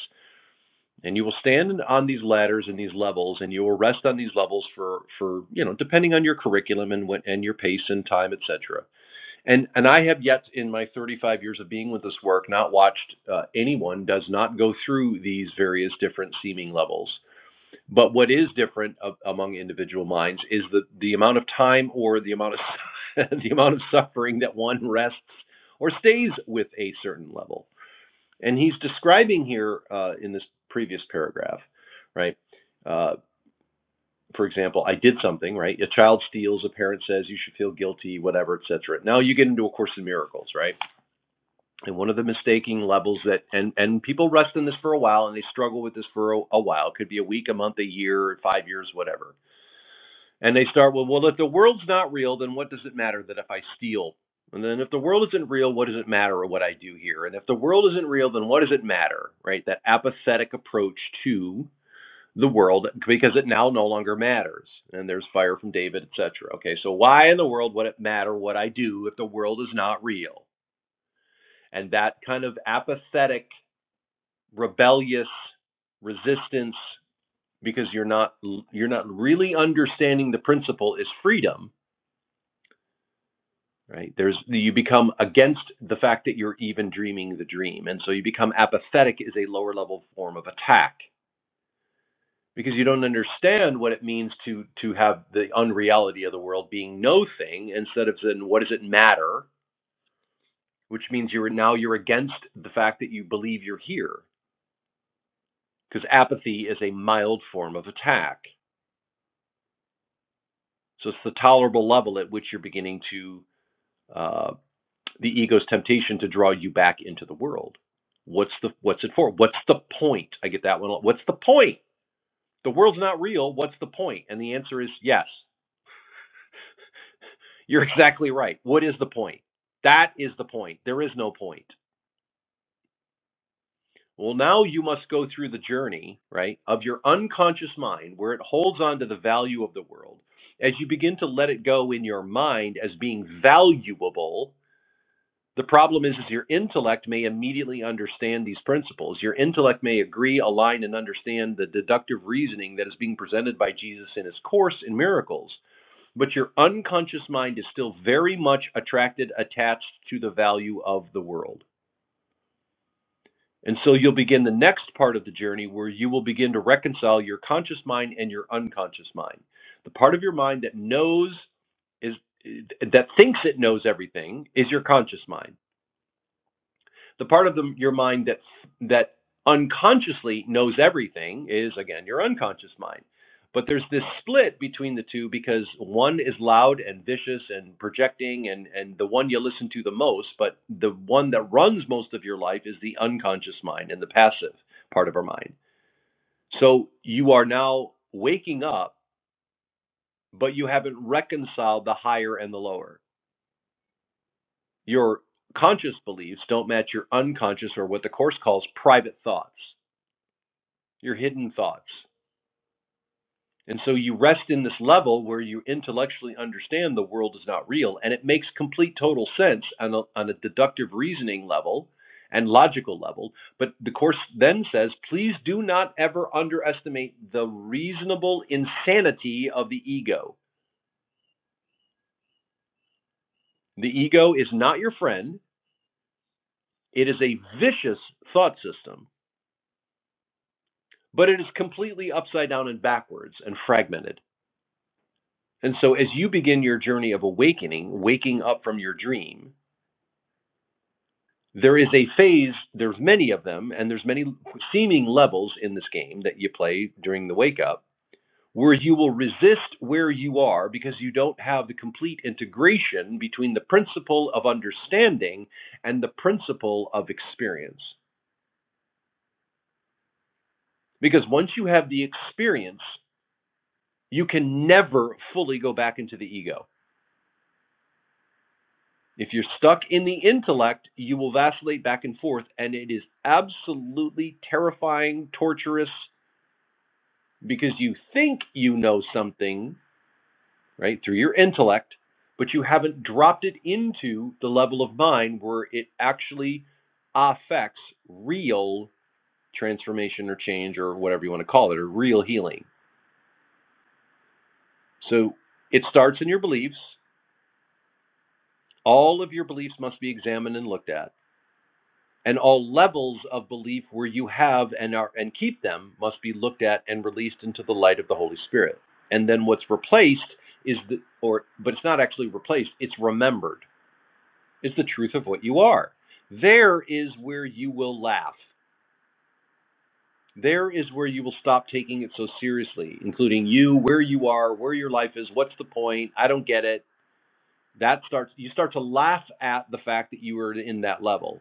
And you will stand on these ladders and these levels, and you will rest on these levels for, for you know, depending on your curriculum and what and your pace and time, et cetera. And and I have yet in my 35 years of being with this work not watched uh, anyone does not go through these various different seeming levels. But what is different a- among individual minds is the the amount of time or the amount of the amount of suffering that one rests or stays with a certain level. And he's describing here uh, in this previous paragraph, right? Uh, for example, I did something, right? A child steals, a parent says you should feel guilty, whatever, etc. Now you get into a course in miracles, right? and one of the mistaking levels that and and people rest in this for a while and they struggle with this for a, a while it could be a week a month a year five years whatever and they start with well if the world's not real then what does it matter that if i steal and then if the world isn't real what does it matter what i do here and if the world isn't real then what does it matter right that apathetic approach to the world because it now no longer matters and there's fire from david etc okay so why in the world would it matter what i do if the world is not real and that kind of apathetic rebellious resistance because you're not you're not really understanding the principle is freedom right there's you become against the fact that you're even dreaming the dream and so you become apathetic is a lower level form of attack because you don't understand what it means to to have the unreality of the world being no thing instead of then what does it matter which means you're now you're against the fact that you believe you're here because apathy is a mild form of attack So it's the tolerable level at which you're beginning to uh, the ego's temptation to draw you back into the world. What's the what's it for? What's the point? I get that one. What's the point? The world's not real. What's the point? And the answer is yes. You're exactly right. What is the point? That is the point. There is no point. Well, now you must go through the journey, right, of your unconscious mind where it holds on to the value of the world as you begin to let it go in your mind as being valuable The problem is, is your intellect may immediately understand these principles. Your intellect may agree, align, and understand the deductive reasoning that is being presented by Jesus in his course in miracles. But your unconscious mind is still very much attracted, attached to the value of the world. And so you'll begin the next part of the journey where you will begin to reconcile your conscious mind and your unconscious mind. The part of your mind that knows is that thinks it knows everything is your conscious mind The part of the, your mind that that unconsciously knows everything is again your unconscious mind. But there's this split between the two because one is loud and vicious and projecting and and the one you listen to the most, but the one that runs most of your life is the unconscious mind and the passive part of our mind. So you are now waking up, but you haven't reconciled the higher and the lower. Your conscious beliefs don't match your unconscious or what the course calls private thoughts. your hidden thoughts. And so you rest in this level where you intellectually understand the world is not real, and it makes complete total sense on a, on a deductive reasoning level and logical level. But the Course then says, please do not ever underestimate the reasonable insanity of the ego. The ego is not your friend, it is a vicious thought system, but it is completely upside down and backwards and fragmented. And so, as you begin your journey of awakening, waking up from your dream, there is a phase. There's many of them, and there's many seeming levels in this game that you play during the wake up, where you will resist where you are because you don't have the complete integration between the principle of understanding and the principle of experience. Because once you have the experience, you can never fully go back into the ego If you're stuck in the intellect, you will vacillate back and forth, and it is absolutely terrifying, torturous, because you think you know something, right, through your intellect, but you haven't dropped it into the level of mind where it actually affects real transformation or change or whatever you want to call it, or real healing. So it starts in your beliefs. All of your beliefs must be examined and looked at and all levels of belief where you have and are and keep them must be looked at and released into the light of the Holy Spirit. And then what's replaced is the or but it's not actually replaced, it's remembered. It's the truth of what you are. There is where you will laugh. There is where you will stop taking it so seriously, including you, where you are, where your life is, what's the point? I don't get it. That starts you start to laugh at the fact that you are in that level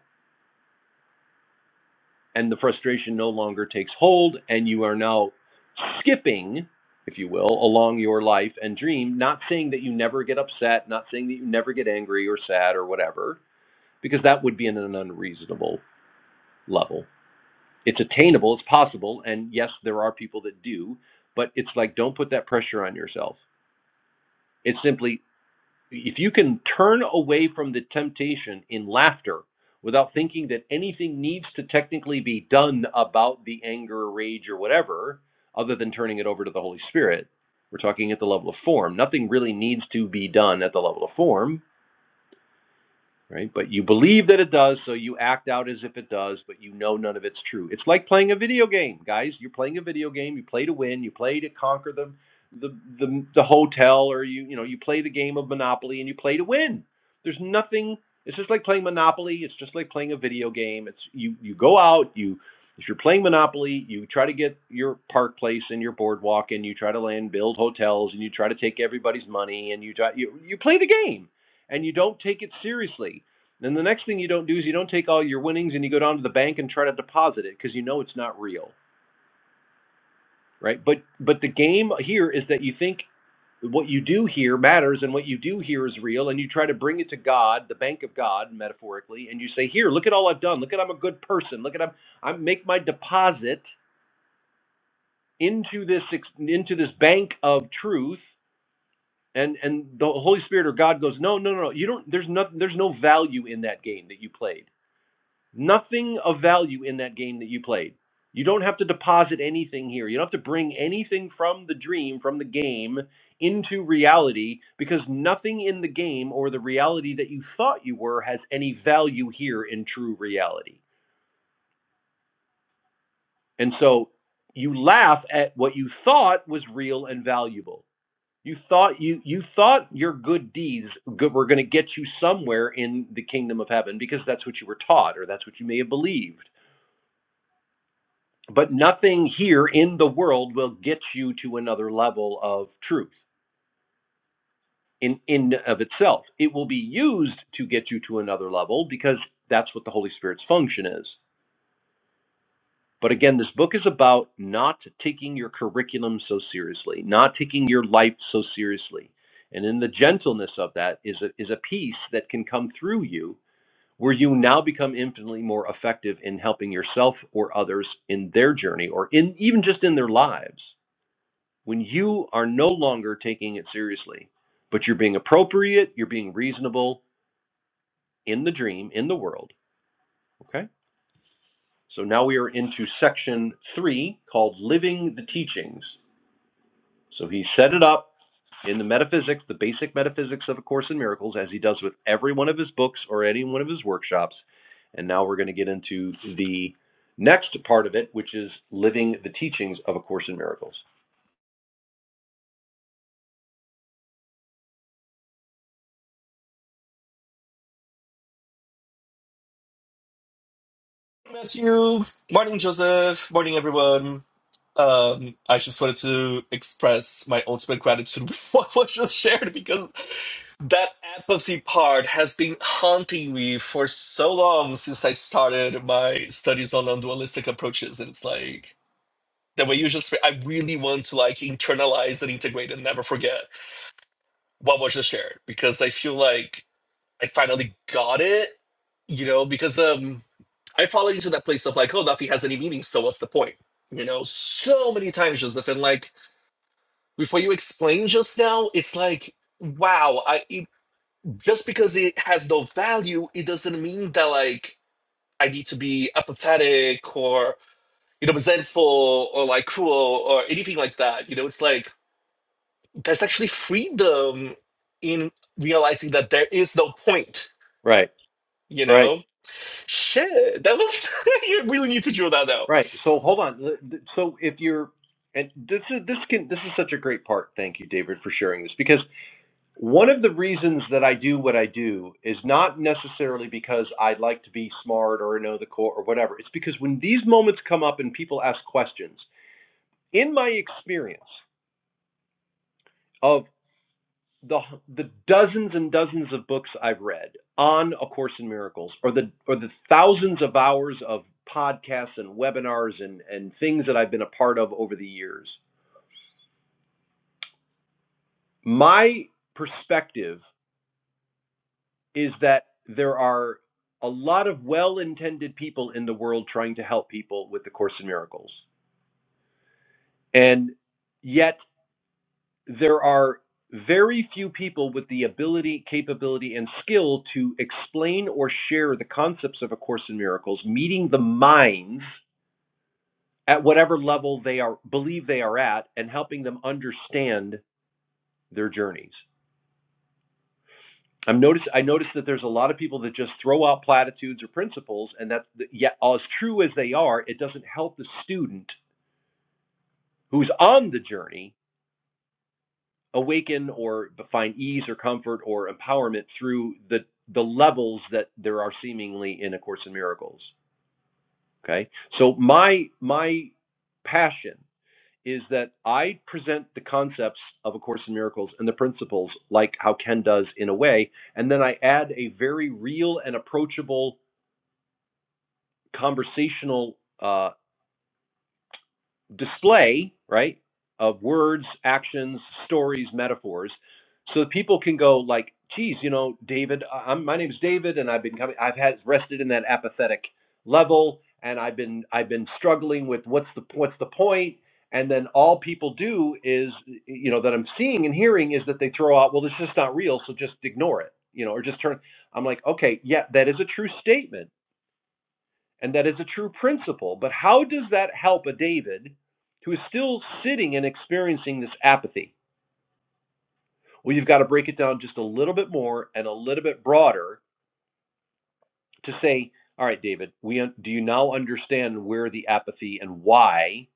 and the frustration no longer takes hold, and you are now skipping, if you will, along your life and dream, not saying that you never get upset, not saying that you never get angry or sad or whatever, because that would be in an unreasonable level. It's attainable, it's possible, and yes, there are people that do, but it's like don't put that pressure on yourself. It's simply if you can turn away from the temptation in laughter without thinking that anything needs to technically be done about the anger, or rage, or whatever, other than turning it over to the Holy Spirit, we're talking at the level of form. Nothing really needs to be done at the level of form right? But you believe that it does, so you act out as if it does, but you know none of it's true. It's like playing a video game, guys. You're playing a video game. You play to win. You play to conquer the the the, the hotel, or you you know you play the game of Monopoly and you play to win. There's nothing. It's just like playing Monopoly. It's just like playing a video game. It's you you go out you. If you're playing Monopoly, you try to get your park place and your boardwalk, and you try to land build hotels, and you try to take everybody's money, and you try you you play the game and you don't take it seriously. Then the next thing you don't do is you don't take all your winnings and you go down to the bank and try to deposit it because you know it's not real, right? But but the game here is that you think what you do here matters and what you do here is real and you try to bring it to God, the bank of God metaphorically, and you say, "Here, look at all I've done. Look at I'm a good person. Look at I'm I make my deposit into this ex- into this bank of truth." And and the Holy Spirit or God goes, "No, no, no. no. You don't there's nothing there's no value in that game that you played Nothing of value in that game that you played. You don't have to deposit anything here. You don't have to bring anything from the dream, from the game, into reality because nothing in the game or the reality that you thought you were has any value here in true reality. And so you laugh at what you thought was real and valuable. You thought you you thought your good deeds were going to get you somewhere in the kingdom of heaven because that's what you were taught or that's what you may have believed But nothing here in the world will get you to another level of truth in in of itself. It will be used to get you to another level because that's what the Holy Spirit's function is. But again, this book is about not taking your curriculum so seriously, not taking your life so seriously. And in the gentleness of that is a, is a peace that can come through you where you now become infinitely more effective in helping yourself or others in their journey or in even just in their lives. when you are no longer taking it seriously, but you're being appropriate, you're being reasonable in the dream, in the world. Okay? So now we are into section three called Living the Teachings. So he set it up in the metaphysics, the basic metaphysics of A Course in Miracles, as he does with every one of his books or any one of his workshops. And now we're going to get into the next part of it, which is living the teachings of A Course in Miracles.
Matthew. Morning, Joseph. Morning, everyone. Um, I just wanted to express my ultimate gratitude with what was just shared because that apathy part has been haunting me for so long since I started my studies on non-dualistic approaches, and it's like the way you just. I really want to like internalize and integrate and never forget what was just shared because I feel like I finally got it, you know, because um I fall into that place of like, oh, nothing has any meaning, so what's the point? You know, so many times, Joseph, and like before you explain just now, it's like, wow, I it, just because it has no value, it doesn't mean that like I need to be apathetic or you know resentful or like cruel or anything like that. You know, it's like there's actually freedom in realizing that there is no point.
Right,
You
right.
know, shit, that was you really need to drill that out
Right. So hold on. So if you're, and this is this can this is such a great part. Thank you, David, for sharing this because one of the reasons that I do what I do is not necessarily because I like to be smart or know the core or whatever. It's because when these moments come up and people ask questions, in my experience of the the dozens and dozens of books I've read on A Course in Miracles, or the or the thousands of hours of podcasts and webinars and and things that I've been a part of over the years My perspective is that there are a lot of well intended people in the world trying to help people with the Course in Miracles. And yet there are very few people with the ability, capability, and skill to explain or share the concepts of A Course in Miracles, meeting the minds at whatever level they are believe they are at and helping them understand their journeys. I'm notice I notice that there's a lot of people that just throw out platitudes or principles, and that yet as true as they are, it doesn't help the student who's on the journey awaken or find ease or comfort or empowerment through the the levels that there are seemingly in A Course in Miracles. Okay, so my my passion is that I present the concepts of A Course in Miracles and the principles like how Ken does in a way, and then I add a very real and approachable conversational uh, display, right, of words, actions, stories, metaphors, so that people can go like, "Geez, you know, David, I- am my name's David, and I've been coming, I've had rested in that apathetic level, and I've been I've been struggling with what's the what's the point." And then all people do is, you know, that I'm seeing and hearing is that they throw out, "Well, this is just not real, so just ignore it," you know, or just turn. I'm like, okay, yeah, that is a true statement and that is a true principle. But how does that help a David who is still sitting and experiencing this apathy? Well, you've got to break it down just a little bit more and a little bit broader to say, all right, David, we do you now understand where the apathy and why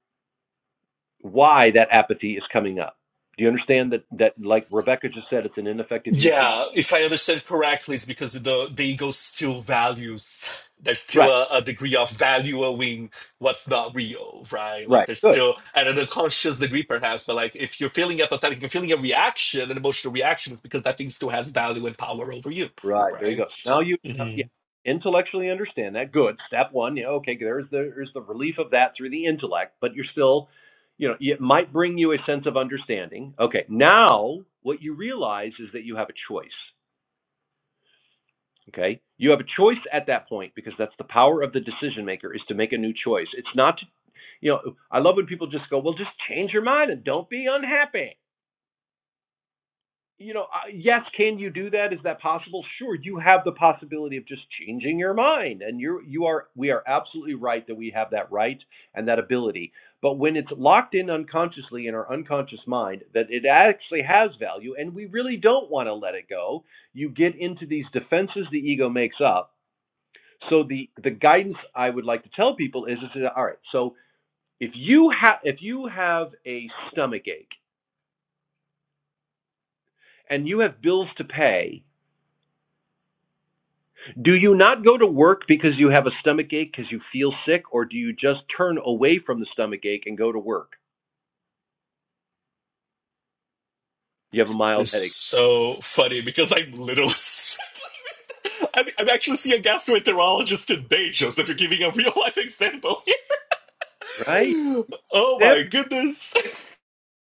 why that apathy is coming up? Do you understand that that like Rebecca just said, it's an ineffective use of
Yeah, if I understand correctly, it's because the, the ego still values. There's still
right,
a, a degree of valuing what's not real, right? Like
right,
there's
good.
still at an unconscious degree, perhaps. But like if you're feeling apathetic, you're feeling a reaction, an emotional reaction, it's because that thing still has value and power over you,
Right. There you
right?
go. So now you,
hmm
now- yeah,
And
intellectually understand that. Good. Step one. Yeah. Okay. There's the, there's the relief of that through the intellect, but you're still, you know, it might bring you a sense of understanding. Okay. Now what you realize is that you have a choice. Okay. You have a choice at that point because that's the power of the decision maker is to make a new choice. It's not, to, you know, I love when people just go, well, just change your mind and don't be unhappy. you know, uh, yes, can you do that? Is that possible? Sure, you have the possibility of just changing your mind, and you you are we are absolutely right that we have that right and that ability. But when it's locked in unconsciously in our unconscious mind, that it actually has value, and we really don't want to let it go, you get into these defenses the ego makes up. So the the guidance I would like to tell people is, is all right. So if you have if you have a stomach ache and you have bills to pay Do you not go to work because you have a stomach ache because you feel sick, or do you just turn away from the stomach ache and go to work? You have a mild
It's
headache,
so funny because I'm literally. I'm, I'm actually seeing a gastroenterologist today, Joseph. You're giving a real life example.
right?
oh
Yeah.
my goodness.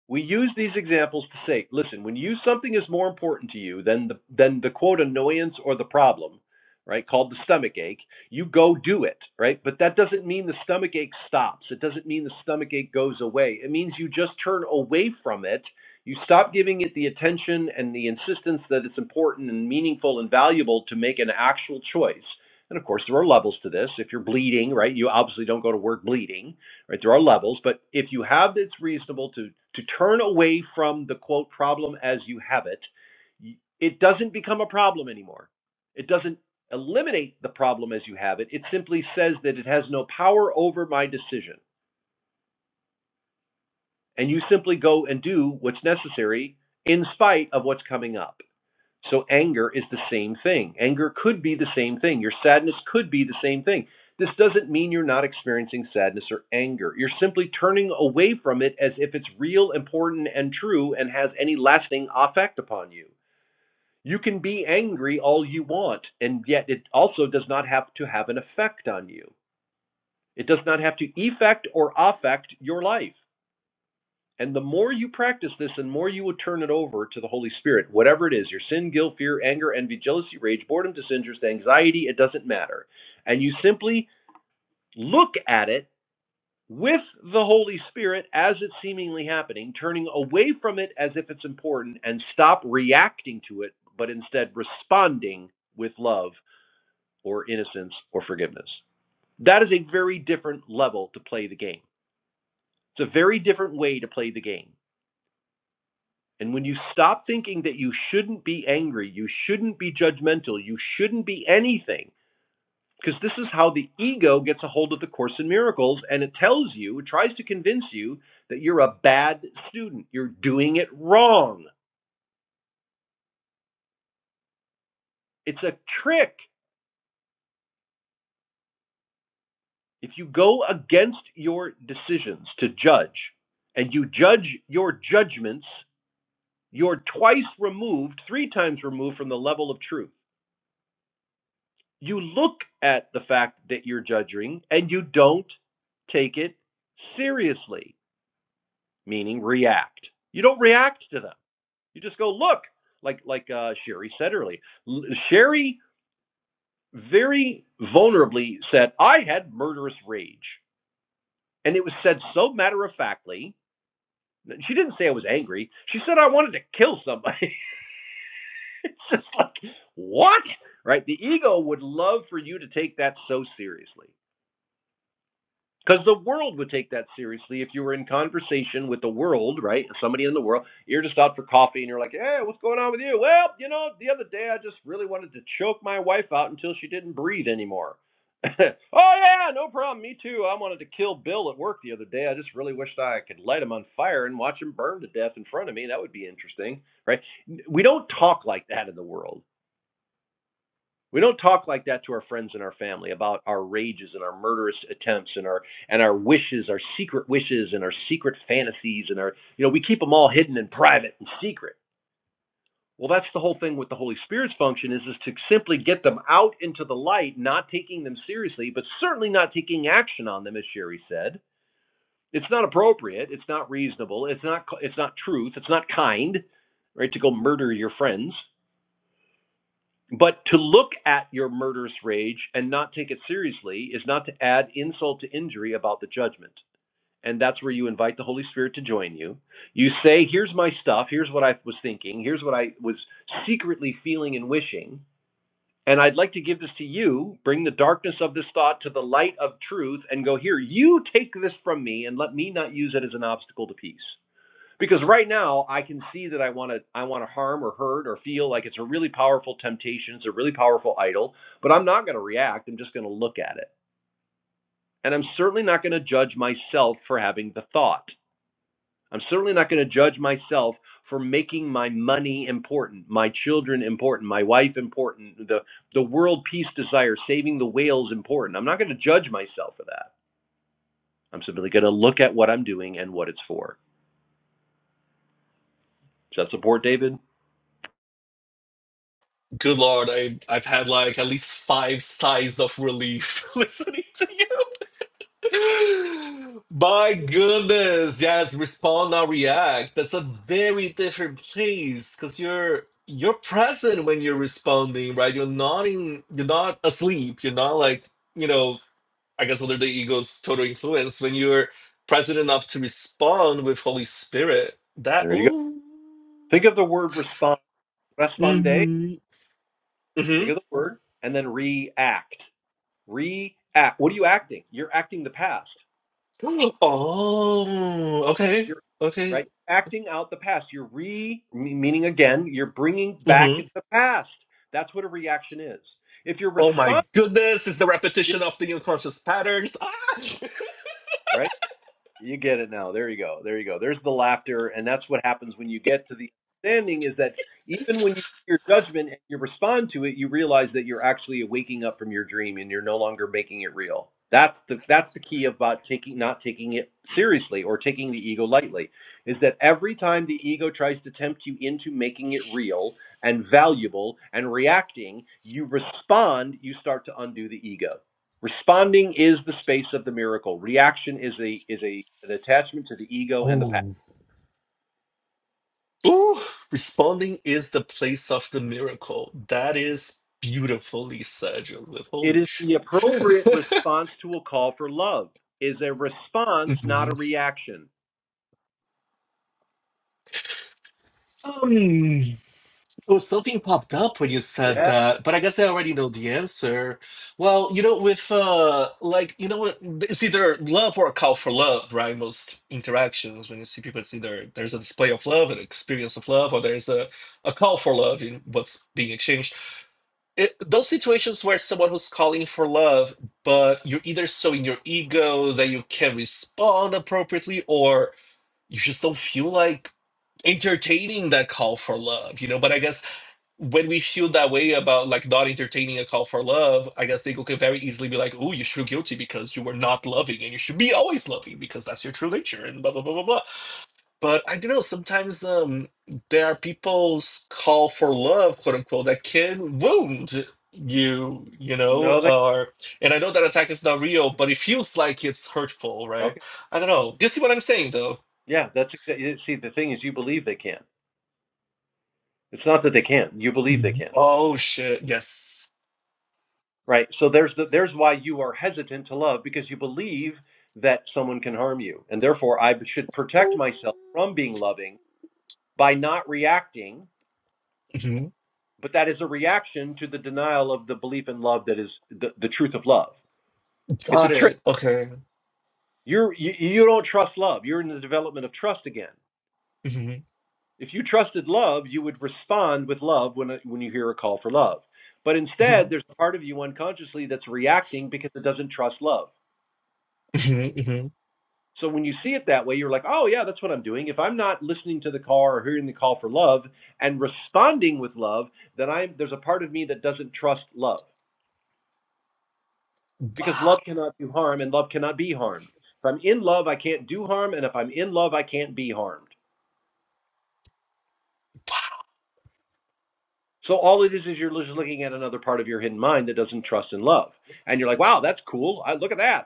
We use these examples to say, listen, when you something is more important to you than the than the quote annoyance or the problem, right, called the stomach ache, you go do it, right? But that doesn't mean the stomach ache stops. It doesn't mean the stomach ache goes away. It means you just turn away from it. You stop giving it the attention and the insistence that it's important and meaningful and valuable to make an actual choice. And of course, there are levels to this. If you're bleeding, right, you obviously don't go to work bleeding right? There are levels, but if you have it's reasonable to to turn away from the quote problem as you have it, y- it doesn't become a problem anymore. It doesn't eliminate the problem as you have it. It simply says that it has no power over my decision, and you simply go and do what's necessary in spite of what's coming up. So anger is the same thing. Anger could be the same thing. Your sadness could be the same thing. This doesn't mean you're not experiencing sadness or anger. You're simply turning away from it as if it's real, important, and true and has any lasting effect upon you. You can be angry all you want, and yet it also does not have to have an effect on you. It does not have to effect or affect your life. And the more you practice this, and more you will turn it over to the Holy Spirit, whatever it is your sin, guilt, fear, anger, envy, jealousy, rage, boredom, disinterest, anxiety it doesn't matter. And you simply look at it with the Holy Spirit as it's seemingly happening, turning away from it as if it's important, and stop reacting to it, but instead responding with love or innocence or forgiveness. That is a very different level to play the game. It's a very different way to play the game. And when you stop thinking that you shouldn't be angry, you shouldn't be judgmental, you shouldn't be anything, because this is how the ego gets a hold of the Course in Miracles and it tells you, it tries to convince you that you're a bad student, you're doing it wrong. It's a trick. If you go against your decisions to judge and you judge your judgments, you're twice removed, three times removed from the level of truth. you look at the fact that you're judging and you don't take it seriously, meaning react. You don't react to them. You just go look, like like uh, Sherry said earlier. Sherry very vulnerably said, "I had murderous rage," and it was said so matter of factly. She didn't say I was angry. She said I wanted to kill somebody. it's just like what, right? The ego would love for you to take that so seriously. Because the world would take that seriously if you were in conversation with the world, right? Somebody in the world. You're just out for coffee and you're like, hey, what's going on with you? Well, you know, the other day I just really wanted to choke my wife out until she didn't breathe anymore. oh, yeah, no problem. Me too. I wanted to kill Bill at work the other day. I just really wished I could light him on fire and watch him burn to death in front of me. That would be interesting, right? We don't talk like that in the world we don't talk like that to our friends and our family about our rages and our murderous attempts and our and our wishes, our secret wishes and our secret fantasies and our you know, we keep them all hidden and private and secret. Well, that's the whole thing with the Holy Spirit's function is is to simply get them out into the light, not taking them seriously, but certainly not taking action on them as Sherry said. It's not appropriate, it's not reasonable, it's not it's not truth, it's not kind, right? To go murder your friends But to look at your murderous rage and not take it seriously is not to add insult to injury about the judgment. And that's where you invite the Holy Spirit to join you. You say, Here's my stuff. Here's what I was thinking. Here's what I was secretly feeling and wishing. And I'd like to give this to you. Bring the darkness of this thought to the light of truth and go, Here, you take this from me and let me not use it as an obstacle to peace because right now I can see that I want to I want to harm or hurt or feel like it's a really powerful temptation, it's a really powerful idol, but I'm not going to react. I'm just going to look at it. And I'm certainly not going to judge myself for having the thought. I'm certainly not going to judge myself for making my money important, my children important, my wife important, the the world peace desire, saving the whales important. I'm not going to judge myself for that. I'm simply going to look at what I'm doing and what it's for. Does that support David?
Good Lord, I, I've had like at least five sighs of relief listening to you. My goodness, yes, respond not react. That's a very different place because you're you're present when you're responding, right? You're not in, you're not asleep. You're not like you know, I guess under the ego's total influence when you're present enough to respond with Holy Spirit. That
There you go.
ooh.
Think of the word response Responde,
Mm-hmm. Mm-hmm.
think of the word, and then react. React. What are you acting? You're acting the past.
Oh, okay.
You're
Okay.
right. Acting out the past. You're re meaning again. You're bringing back
hmm
the past. That's what a reaction is. If you're
Oh my
responding,
goodness, it's the
you're
repetition of the unconscious patterns. Ah!
right. You get it now. There you go. There you go. There's the laughter, and that's what happens when you get to the understanding is that even when you your judgment and you respond to it, you realize that you're actually waking up from your dream and you're no longer making it real. That's the that's the key about taking not taking it seriously or taking the ego lightly is that every time the ego tries to tempt you into making it real and valuable and reacting, you respond, you start to undo the ego. Responding is the space of the miracle. Reaction is a is a an attachment to the ego and the past.
Oh. Ooh, responding is the place of the miracle. That is beautifully said, Joseph.
It
Holy
is the
shit.
appropriate response to a call for love. Is a response, not a
Mhm.
reaction.
Um, Oh, something popped up when you said
Yeah.
that, but I guess I already know the answer. Well, you know, with uh, like you know, what it's either love or a call for love, right? Most interactions when you see people, it's either there's a display of love, an experience of love, or there's a, a call for love in what's being exchanged. It, those situations where someone who's calling for love, but you're either so in your ego that you can't respond appropriately, or you just don't feel like entertaining that call for love, you know. But I guess when we feel that way about like not entertaining a call for love, I guess they could very easily be like, "Oh, you feel guilty because you were not loving, and you should be always loving because that's your true nature," and blah blah blah blah blah. But I don't know. Sometimes um, there are people's call for love, quote unquote, that can wound you, you know.
No, they.
Or and I know that attack is not real, but it feels like it's hurtful, right?
Okay.
I don't know. Do you see what I'm saying, though?
Yeah, that's exa- see the thing is you believe they can. It's not that they can. You believe they
Mhm.
can.
Oh shit! Yes.
Right. So there's the, there's why you are hesitant to love because you believe that someone can harm you, and therefore I should protect myself from being loving by not reacting
Mhm.
but that is a reaction to the denial of the belief in love that is the, the truth of love. It's a
Got
trick.
it. Okay.
You're, you you don't trust love. You're in the development of trust again. If you trusted love, you would respond with love when when you hear a call for love. But
Mhm.
instead, there's a part of you unconsciously that's reacting because it doesn't trust love.
Mhm, mhm.
So when you see it that way, you're like, oh yeah, that's what I'm doing. If I'm not listening to the call or hearing the call for love and responding with love, then I'm there's a part of me that doesn't trust love. because love cannot do harm and love cannot be harmed. If I'm in love, I can't do harm, and if I'm in love, I can't be harmed. So all it is is you're just looking at another part of your hidden mind that doesn't trust in love, and you're like, wow, that's cool. I look at that.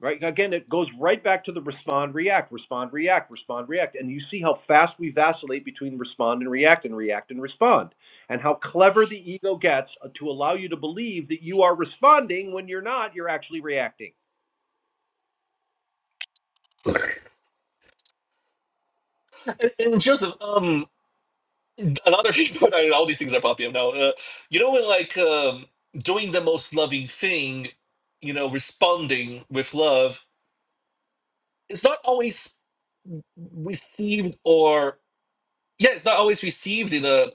Right again, it goes right back to the respond, react, respond, react, respond, react, and you see how fast we vacillate between respond and react, and react and respond, and how clever the ego gets uh, to allow you to believe that you are responding when you're not. You're actually reacting.
And, and Joseph, um, another thing, I mean, all these things are popping up now. Uh, you know, when like um, doing the most loving thing, you know, responding with love, it's not always received, or yeah, it's not always received in a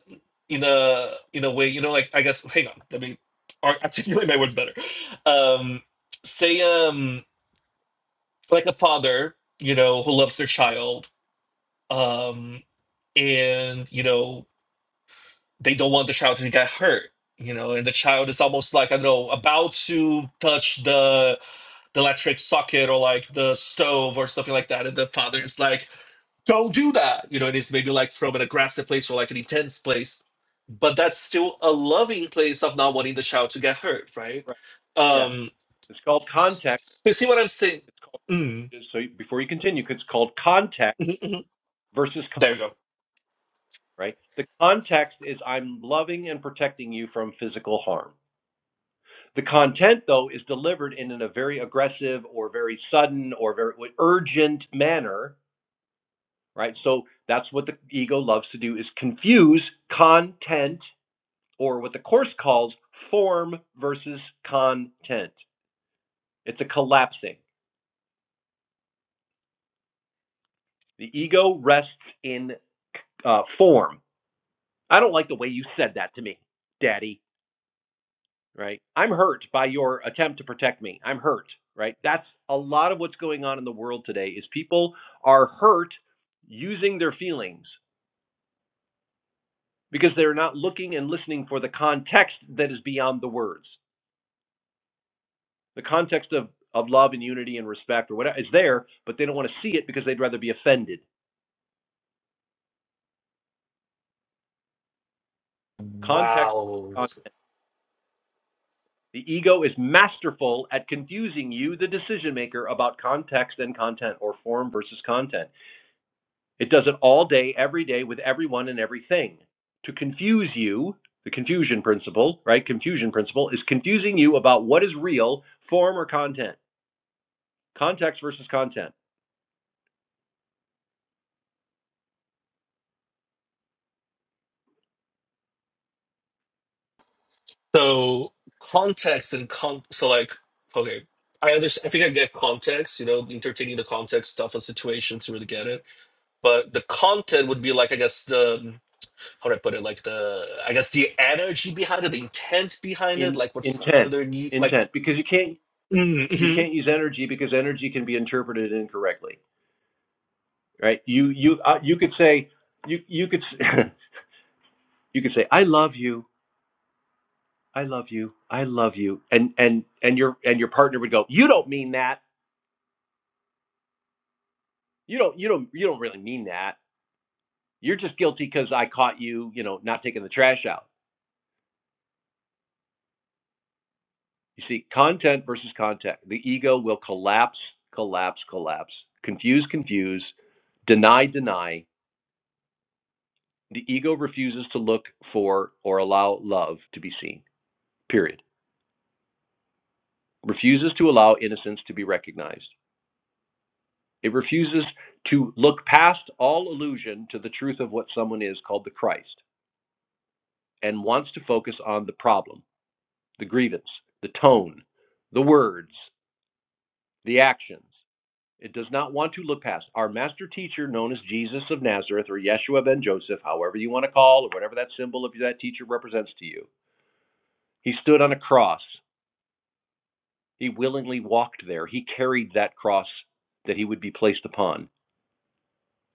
in a in a way. You know, like I guess, hang on, let me ar- articulate my words better. Um, say, um, like a father, you know, who loves their child, um, and you know they don't want the child to get hurt you know and the child is almost like i don't know about to touch the the electric socket or like the stove or something like that and the father is like don't do that you know and it's maybe like from an aggressive place or like an intense place but that's still a loving place of not wanting the child to get hurt right
Right. Yes.
um
It's called context.
s- you see what i'm saying
It's called
mm.
so before you continue, it's called context
mhm, mhm.
versus con,
there you go
right? The context is I'm loving and protecting you from physical harm. The content, though, is delivered in, in a very aggressive or very sudden or very urgent manner, right? So that's what the ego loves to do is confuse content or what the course calls form versus content. It's a collapsing. The ego rests in uh, form. I don't like the way you said that to me, Daddy. right? I'm hurt by your attempt to protect me. I'm hurt, right? That's a lot of what's going on in the world today is people are hurt using their feelings because they're not looking and listening for the context that is beyond the words. The context of of love and unity and respect or whatever is there, but they don't want to see it because they'd rather be offended. Context
wow
uh, the ego is masterful at confusing you, the decision maker, about context and content or form versus content. It does it all day, every day, with everyone and everything. To confuse you, the confusion principle, right? Confusion principle is confusing you about what is real, form or content, context versus content,
So context and con so like okay, I understand. I think I get context. You know, entertaining the context stuff of situation to really get it. But the content would be like I guess the how do I put it? Like the I guess the energy behind it, the intent behind it,
in,
like what's
intent,
underneath. Like
intent, because you can't
mm-hmm.
you can't
mm-hmm.
use energy because energy can be interpreted incorrectly, right? You you uh, you could say you you could you could say I love you, I love you, I love you, and and and your and your partner would go, you don't mean that, you don't you don't you don't really mean that You're just guilty because I caught you, you know, not taking the trash out. You see, content versus content. The ego will collapse, collapse, collapse, confuse, confuse, deny, deny. The ego refuses to look for or allow love to be seen, period. Refuses to allow innocence to be recognized. It refuses to look past all illusion to the truth of what someone is called the Christ and wants to focus on the problem, the grievance, the tone, the words, the actions. It does not want to look past. Our master teacher, known as Jesus of Nazareth or Yeshua ben Joseph, however you want to call, or whatever that symbol of that teacher represents to you, he stood on a cross. He willingly walked there. He carried that cross that he would be placed upon.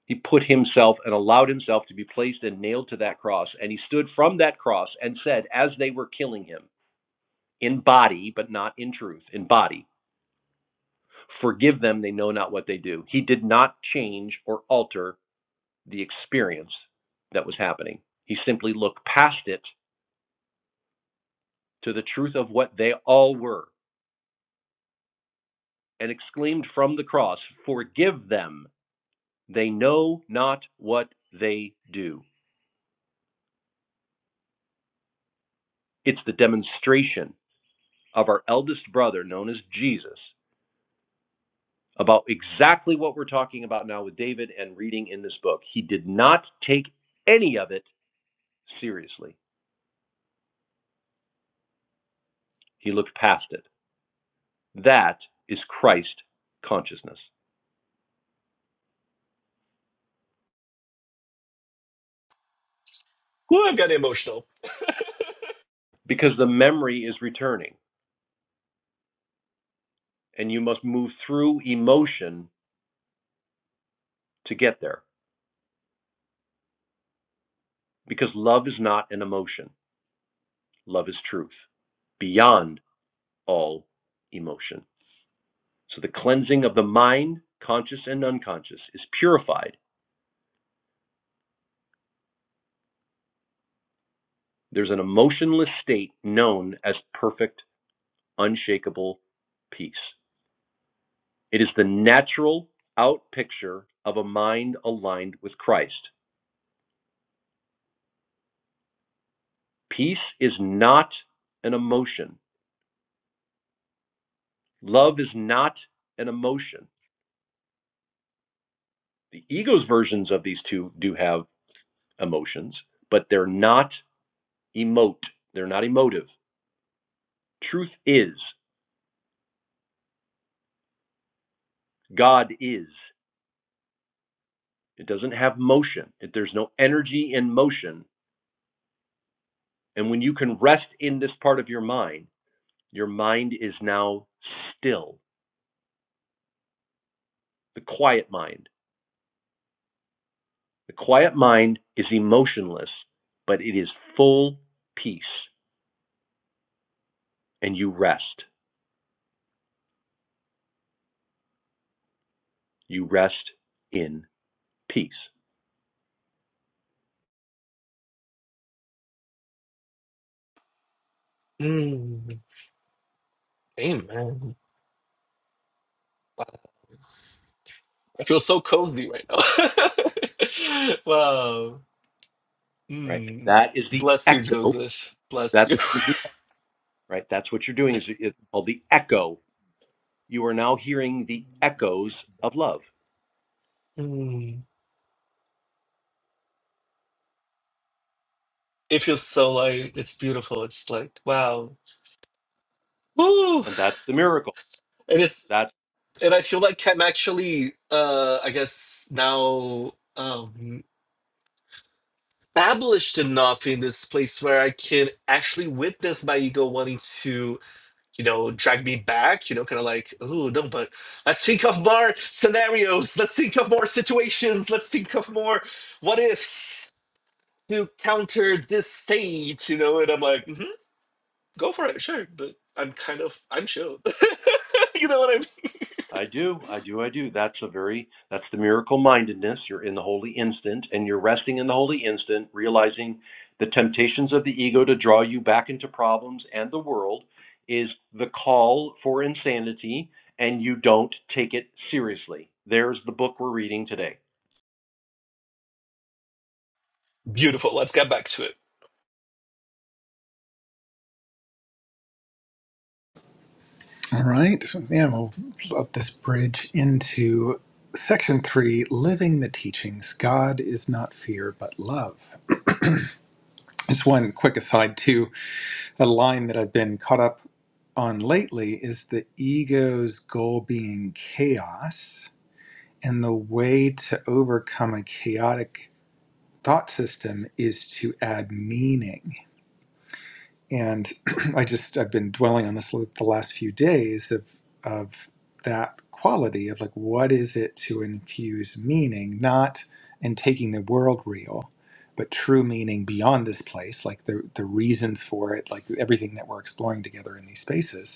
He put himself and allowed himself to be placed and nailed to that cross. And he stood from that cross and said, as they were killing him, in body, but not in truth, in body, forgive them, they know not what they do. He did not change or alter the experience that was happening. He simply looked past it to the truth of what they all were and exclaimed from the cross, Forgive them, they know not what they do. It's the demonstration of our eldest brother, known as Jesus, about exactly what we're talking about now with David and reading in this book. He did not take any of it seriously, he looked past it. That is Christ consciousness
Ooh, I'm getting emotional.
because the memory is returning. and you must move through emotion to get there because love is not an emotion. Love is truth beyond all emotion. So the cleansing of the mind, conscious and unconscious, is purified. There's an emotionless state known as perfect, unshakable peace. It is the natural out picture of a mind aligned with Christ. Peace is not an emotion. Love is not an emotion. The ego's versions of these two do have emotions, but they're not emote. They're not emotive. Truth is, God is. It doesn't have motion. It, there's no energy in motion. And when you can rest in this part of your mind, your mind is now still, the quiet mind. The quiet mind is emotionless, but it is full peace. And you rest. You rest in peace,
Mm, amen. I feel so cozy right now. wow.
right?
Mm.
That is the
Bless you,
echo
Joseph. Bless
That's right. That's what you're doing. Is it's called the echo. You are now hearing the echoes of love,
you. If you solo, it's beautiful. It's like wow, woo!
and that's the miracle.
It is,
That's
and I feel like I'm actually, uh, I guess now um, established enough in this place where I can actually witness my ego wanting to, you know, drag me back. You know, kind of like, ooh, no, but let's think of more scenarios. Let's think of more situations. Let's think of more what ifs to counter this state. You know, and I'm like. "Mm-hmm, Go for it, sure. But I'm kind of I'm chill. you know what I mean?
I do, I do, I do. That's a very that's the miracle mindedness. You're in the holy instant, and you're resting in the holy instant, realizing the temptations of the ego to draw you back into problems and the world is the call for insanity, and you don't take it seriously. There's the book we're reading today.
Beautiful. Let's get back to it.
All right. So, Yeah, we'll let this bridge into section three living the teachings. God is not fear, but love. Just one quick aside, too a line that I've been caught up on lately is the ego's goal being chaos. And the way to overcome a chaotic thought system is to add meaning and I just I've been dwelling on this the last few days of of that quality of like what is it to infuse meaning not in taking the world real but true meaning beyond this place like the the reasons for it like everything that we're exploring together in these spaces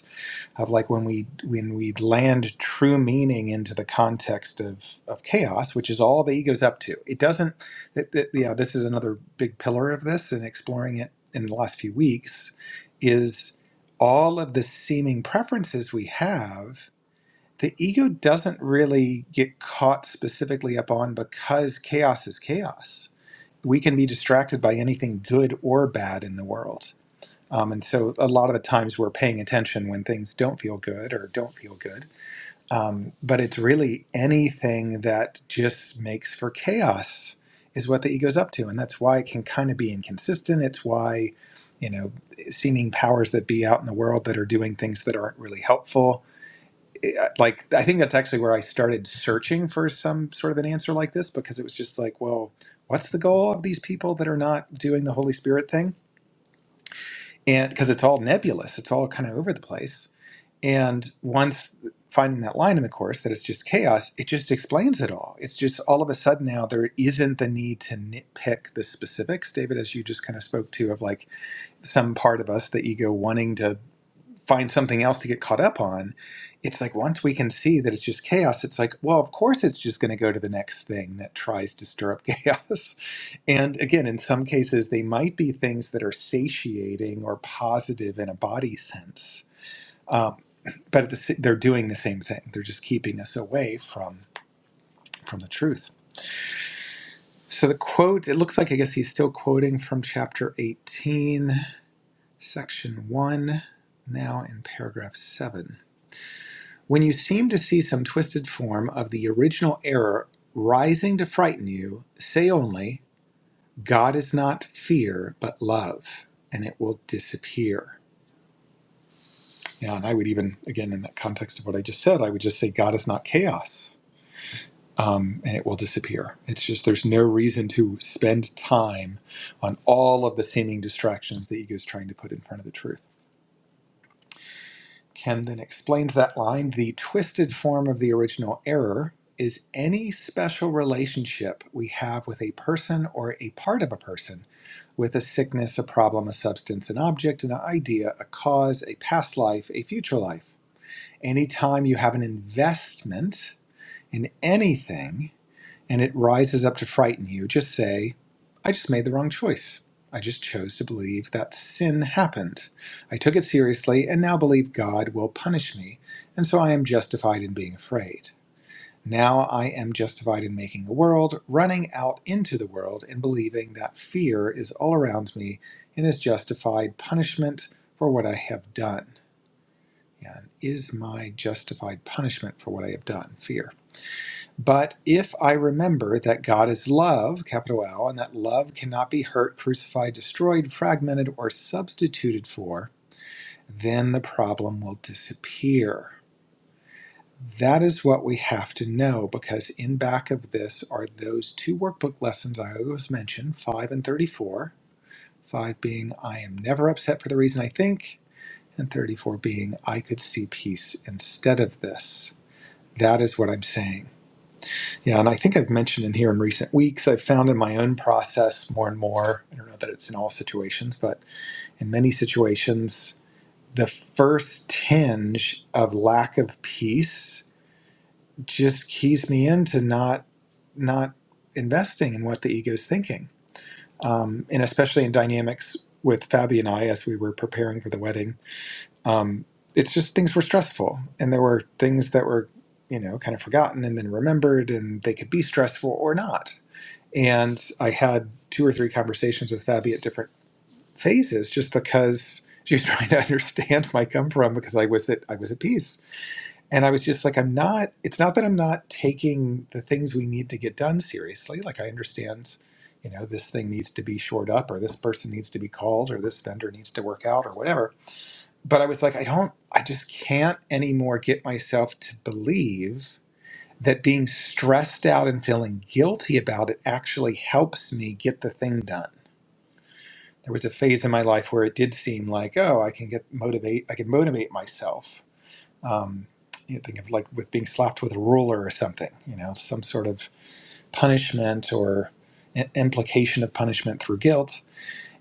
of like when we when we land true meaning into the context of of chaos, which is all the ego's up to. It doesn't. That, that, yeah, this is another big pillar of this, and exploring it in the last few weeks is all of the seeming preferences we have. The ego doesn't really get caught specifically up on because chaos is chaos. We can be distracted by anything good or bad in the world um, and so a lot of the times we're paying attention when things don't feel good or don't feel good. Um, but it's really anything that just makes for chaos is what the ego's up to. And that's why it can kind of be inconsistent. It's why, you know, seeming powers that be out in the world that are doing things that aren't really helpful. It- Like, I think that's actually where I started searching for some sort of an answer like this because it was just like, well, what's the goal of these people that are not doing the Holy Spirit thing? and because it's all nebulous, it's all kind of over the place. And once finding that line in the course that it's just chaos, it just explains it all. It's just all of a sudden now there isn't the need to nitpick the specifics, David, as you just kind of spoke to, of like some part of us, the ego, wanting to find something else to get caught up on it's like once we can see that it's just chaos it's like well of course it's just going to go to the next thing that tries to stir up chaos and again in some cases they might be things that are satiating or positive in a body sense um, but at the, sa- they're doing the same thing they're just keeping us away from from the truth so the quote it looks like i guess he's still quoting from chapter 18 section 1 now in paragraph 7 When you seem to see some twisted form of the original error rising to frighten you, say only, God is not fear, but love, and it will disappear. Yeah, and I would even, again, in that context of what I just said, I would just say, God is not chaos, um, and it will disappear. It's just there's no reason to spend time on all of the seeming distractions the ego is trying to put in front of the truth. Ken then explains that line the twisted form of the original error is any special relationship we have with a person or a part of a person with a sickness, a problem, a substance, an object, an idea, a cause, a past life, a future life. Anytime you have an investment in anything, and it rises up to frighten you, just say, I just made the wrong choice. I just chose to believe that sin happened. I took it seriously and now believe God will punish me, and so I am justified in being afraid. Now I am justified in making a world, running out into the world, and believing that fear is all around me and is justified punishment for what I have done. And is my justified punishment for what I have done fear? But if I remember that God is love, capital L, and that love cannot be hurt, crucified, destroyed, fragmented, or substituted for, then the problem will disappear. That is what we have to know because in back of this are those two workbook lessons I always mention 5 and 34. 5 being, I am never upset for the reason I think, and 34 being, I could see peace instead of this. That is what I'm saying. Yeah, and I think I've mentioned in here in recent weeks, I've found in my own process more and more, I don't know that it's in all situations, but in many situations, the first tinge of lack of peace just keys me into not not investing in what the ego's thinking. Um, and especially in dynamics with Fabi and I as we were preparing for the wedding, um, it's just things were stressful and there were things that were, you know, kind of forgotten and then remembered and they could be stressful or not and I had two or three conversations with Fabi at different phases, just because she was trying to understand my come from because I was at I was at peace, and I was just like, I'm not. It's not that I'm not taking the things we need to get done seriously. Like I understand, you know, this thing needs to be shored up, or this person needs to be called, or this vendor needs to work out, or whatever. But I was like, I don't. I just can't anymore get myself to believe that being stressed out and feeling guilty about it actually helps me get the thing done. There was a phase in my life where it did seem like, oh, I can get motivate, I can motivate myself. Um, you think of like with being slapped with a ruler or something, you know, some sort of punishment or i- implication of punishment through guilt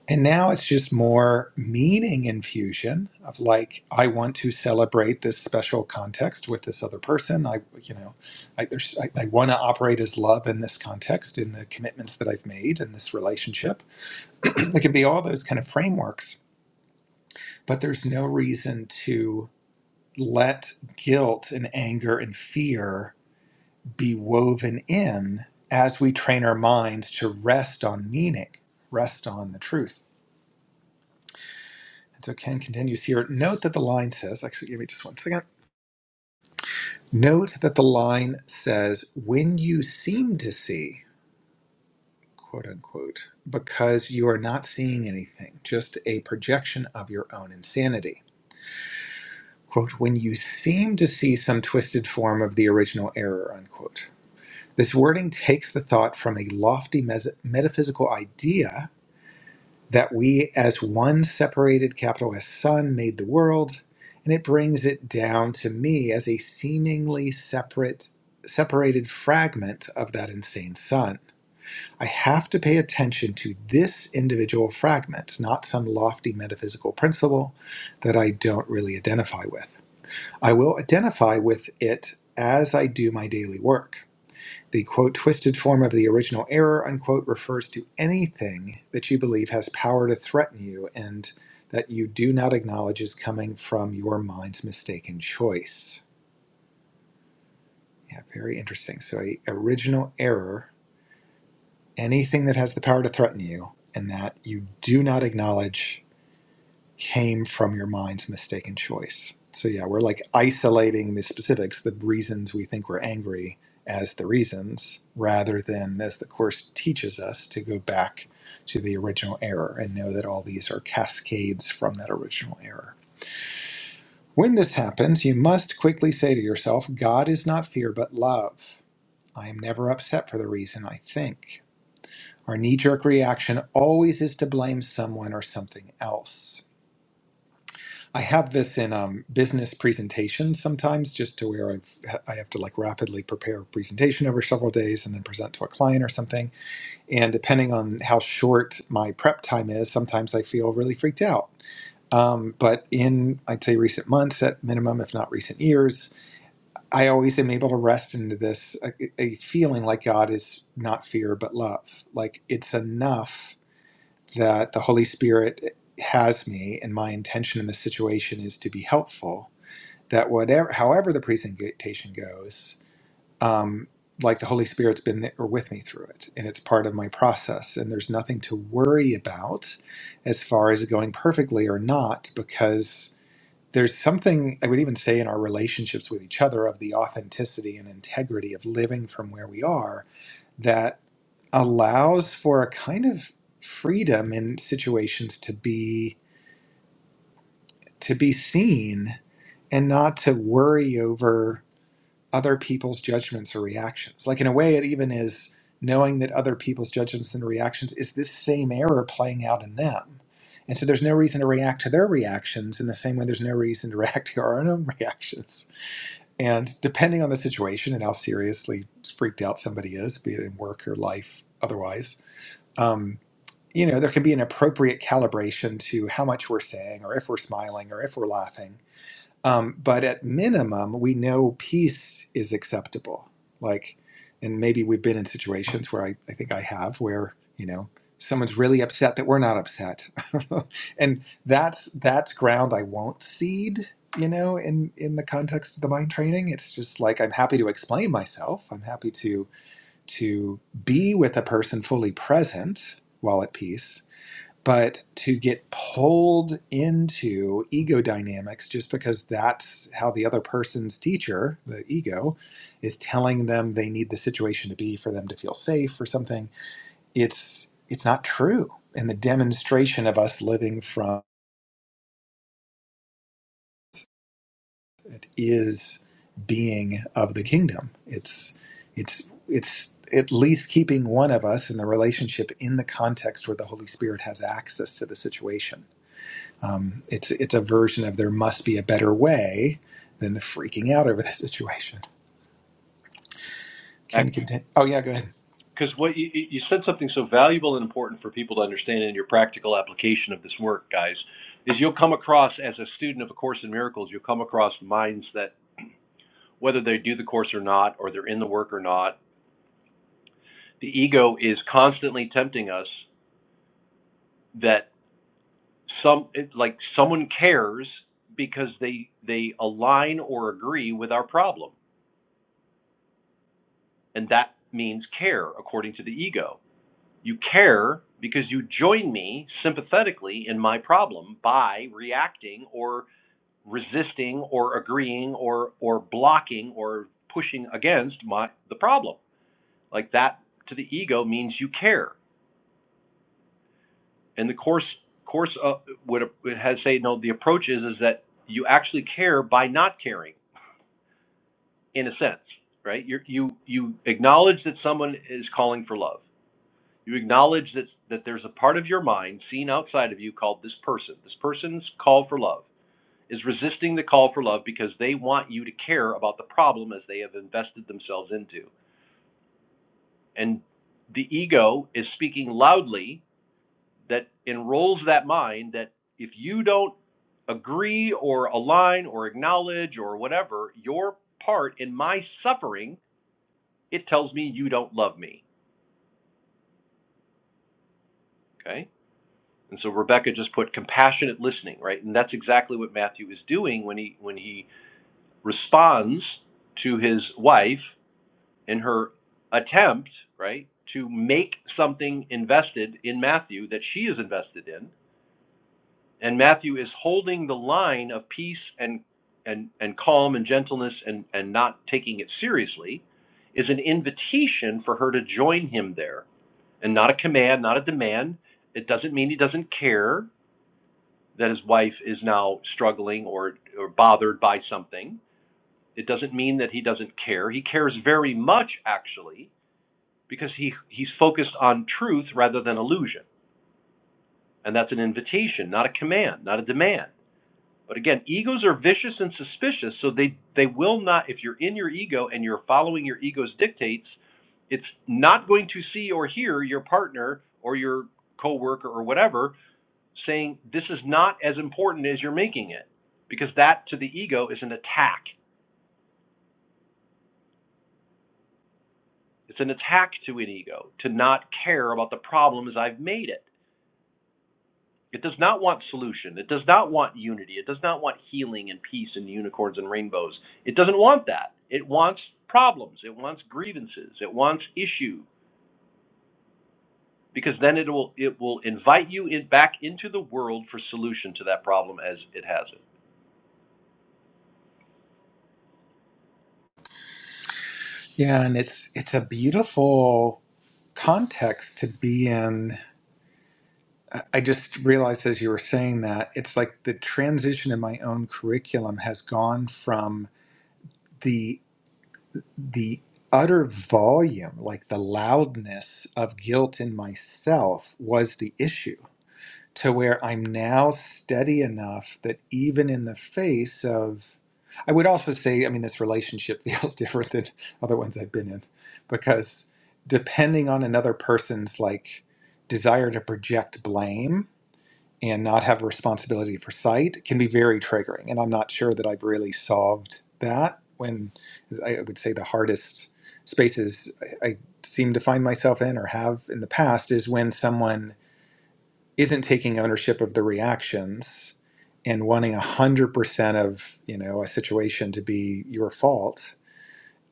and now it's just more meaning infusion of like, I want to celebrate this special context with this other person. I, you know, I, there's, I, I want to operate as love in this context, in the commitments that I've made in this relationship. it can be all those kind of frameworks, but there's no reason to let guilt and anger and fear be woven in as we train our minds to rest on meaning, rest on the truth. And so Ken continues here. Note that the line says, actually, give me just one second. Note that the line says, when you seem to see, quote unquote, because you are not seeing anything, just a projection of your own insanity. Quote, when you seem to see some twisted form of the original error, unquote. This wording takes the thought from a lofty mes- metaphysical idea that we, as one separated capital S Son, made the world, and it brings it down to me as a seemingly separate, separated fragment of that insane Sun. I have to pay attention to this individual fragment, not some lofty metaphysical principle that I don't really identify with. I will identify with it as I do my daily work the quote twisted form of the original error unquote refers to anything that you believe has power to threaten you and that you do not acknowledge is coming from your mind's mistaken choice. Yeah, very interesting. So, a original error, anything that has the power to threaten you and that you do not acknowledge came from your mind's mistaken choice. So yeah, we're like isolating the specifics, the reasons we think we're angry as the reasons, rather than as the course teaches us to go back to the original error and know that all these are cascades from that original error. When this happens, you must quickly say to yourself, God is not fear but love. I am never upset for the reason I think. Our knee jerk reaction always is to blame someone or something else. I have this in um, business presentations sometimes, just to where I've I have to like rapidly prepare a presentation over several days and then present to a client or something. And depending on how short my prep time is, sometimes I feel really freaked out. Um, but in I'd say recent months, at minimum, if not recent years, I always am able to rest into this a, a feeling like God is not fear but love. Like it's enough that the Holy Spirit has me, and my intention in this situation is to be helpful that whatever, however the presentation goes, um, like the Holy Spirit's been there with me through it, and it's part of my process. And there's nothing to worry about as far as it going perfectly or not, because there's something I would even say in our relationships with each other of the authenticity and integrity of living from where we are that allows for a kind of freedom in situations to be to be seen and not to worry over other people's judgments or reactions. Like in a way, it even is knowing that other people's judgments and reactions is this same error playing out in them. And so there's no reason to react to their reactions in the same way there's no reason to react to our own reactions. And depending on the situation and how seriously freaked out somebody is, be it in work or life otherwise, um, you know, there can be an appropriate calibration to how much we're saying or if we're smiling or if we're laughing um, but at minimum, we know peace is acceptable. Like, and maybe we've been in situations where I, I think I have, where you know someone's really upset that we're not upset, and that's that's ground I won't cede. You know, in in the context of the mind training, it's just like I'm happy to explain myself. I'm happy to to be with a person fully present while at peace, but to get pulled into ego dynamics just because that's how the other person's teacher, the ego, is telling them they need the situation to be for them to feel safe or something, it's it's not true. And the demonstration of us living from it is being of the kingdom. It's it's it's at least keeping one of us in the relationship in the context where the Holy Spirit has access to the situation Um, it's it's a version of there must be a better way than the freaking out over the situation. Can continue. Oh yeah, go ahead.
Because what you, you said something so valuable and important for people to understand in your practical application of this work, guys, is you'll come across as a student of A Course in Miracles, you'll come across minds that whether they do the course or not, or they're in the work or not, the ego is constantly tempting us that some like someone cares because they they align or agree with our problem, and that means care according to the ego You care because you join me sympathetically in my problem by reacting or resisting or agreeing or or blocking or pushing against my the problem. Like that to the ego means you care. And the course course uh, would it has say no. The approach is is that you actually care by not caring in a sense, right? You you you acknowledge that someone is calling for love. You acknowledge that, that there's a part of your mind seen outside of you called this person. This person's call for love is resisting the call for love because they want you to care about the problem as they have invested themselves into. And the ego is speaking loudly that enrolls that mind that if you don't agree or align or acknowledge or whatever your part in my suffering, it tells me you don't love me. Okay? And so Rebecca just put compassionate listening, right? And that's exactly what Matthew is doing when he when he responds to his wife in her attempt, right, to make something invested in Matthew that she is invested in. And Matthew is holding the line of peace and and, and calm and gentleness and, and not taking it seriously is an invitation for her to join him there and not a command, not a demand. It doesn't mean he doesn't care that his wife is now struggling or, or bothered by something. It doesn't mean that he doesn't care. He cares very much, actually, because he, he's focused on truth rather than illusion. And that's an invitation, not a command, not a demand. But again, egos are vicious and suspicious, so they, they will not, if you're in your ego and you're following your ego's dictates, it's not going to see or hear your partner or your coworker or whatever saying this is not as important as you're making it because that to the ego is an attack. It's an attack to an ego to not care about the problem as I've made it. It does not want solution. It does not want unity. It does not want healing and peace and unicorns and rainbows. It doesn't want that. It wants problems. It wants grievances. It wants issue because then it will it will invite you in, back into the world for solution to that problem as it has it.
Yeah, and it's it's a beautiful context to be in. I I just realized as you were saying that it's like the transition in my own curriculum has gone from the the utter volume, like the loudness of guilt in myself was the issue to where I'm now steady enough that even in the face of, I would also say, I mean, this relationship feels different than other ones I've been in because depending on another person's like desire to project blame and not have responsibility for sight can be very triggering. And I'm not sure that I've really solved that when I would say the hardest spaces I I seem to find myself in or have in the past is when someone isn't taking ownership of the reactions and wanting 100% of you know a situation to be your fault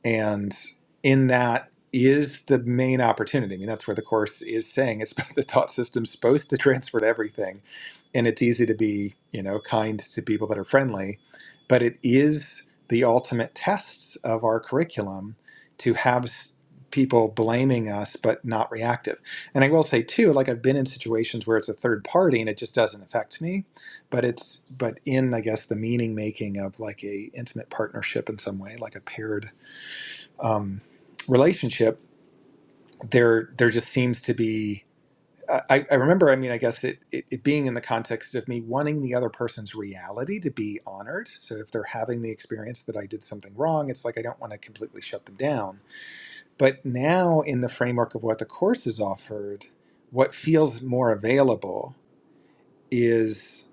and in that is the main opportunity. I mean, that's where the course is saying it's the thought system's supposed to transfer to everything, and it's easy to be you know kind to people that are friendly, but it is the ultimate tests of our curriculum to have s- people blaming us but not reactive. And I will say too, like I've been in situations where it's a third party and it just doesn't affect me, but it's but in I guess the meaning making of like a intimate partnership in some way, like a paired um, relationship, there there just seems to be. I, I remember. I mean, I guess it, it it being in the context of me wanting the other person's reality to be honored. So if they're having the experience that I did something wrong, it's like I don't want to completely shut them down. But now, in the framework of what the course is offered, what feels more available is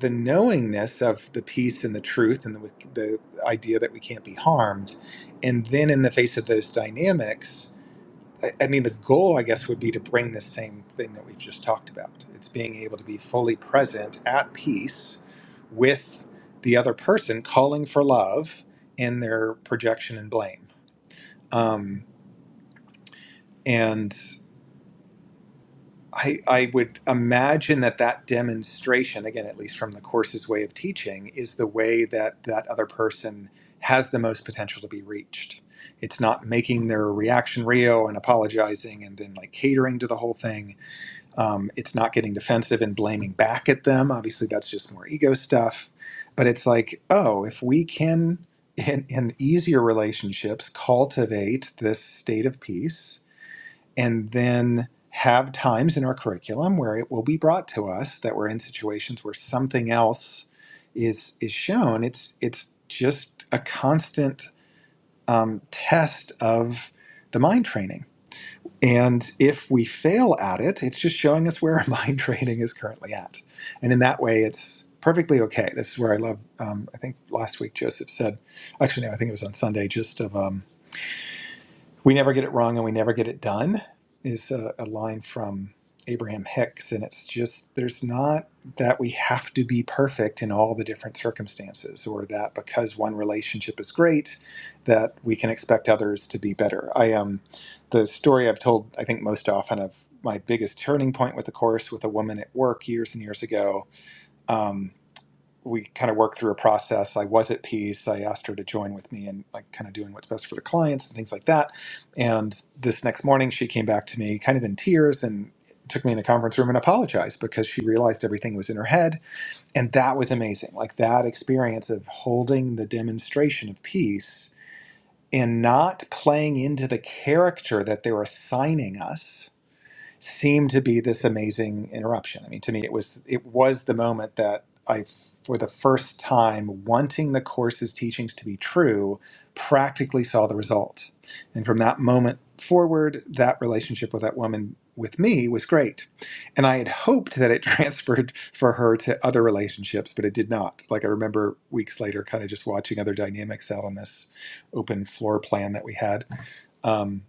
the knowingness of the peace and the truth and the, the idea that we can't be harmed and then in the face of those dynamics I I mean, the goal, I guess, would be to bring this same thing that we've just talked about. It's being able to be fully present, at peace with the other person, calling for love in their projection and blame. Um, and I, I would imagine that that demonstration, again, at least from the course's way of teaching, is the way that that other person has the most potential to be reached. It's not making their reaction real and apologizing and then like catering to the whole thing Um, it's not getting defensive and blaming back at them. Obviously, that's just more ego stuff. But it's like, oh, if we can, in, in easier relationships, cultivate this state of peace and then have times in our curriculum where it will be brought to us that we're in situations where something else is is shown it's it's just a constant um, test of the mind training and if we fail at it, it's just showing us where our mind training is currently at. And in that way, it's perfectly okay. This is where I love, um, I think last week Joseph said, actually, no, I think it was on Sunday, just of. Um, we never get it wrong and we never get it done is a, a line from Abraham Hicks. And it's just, there's not that we have to be perfect in all the different circumstances or that because one relationship is great, that we can expect others to be better. I Um, the story I've told, I think, most often of my biggest turning point with the course with a woman at work years and years ago. Um, we kind of worked through a process. I was at peace. I asked her to join with me and like kind of doing what's best for the clients and things like that. And this next morning, she came back to me kind of in tears and took me in the conference room and apologized because she realized everything was in her head. And that was amazing. Like that experience of holding the demonstration of peace and not playing into the character that they're assigning us seemed to be this amazing interruption. I mean, to me, it was it was the moment that I, for the first time, wanting the course's teachings to be true, practically saw the result. And from that moment forward, that relationship with that woman with me was great. And I had hoped that it transferred for her to other relationships, but it did not. Like I remember weeks later, kind of just watching other dynamics out on this open floor plan that we had um,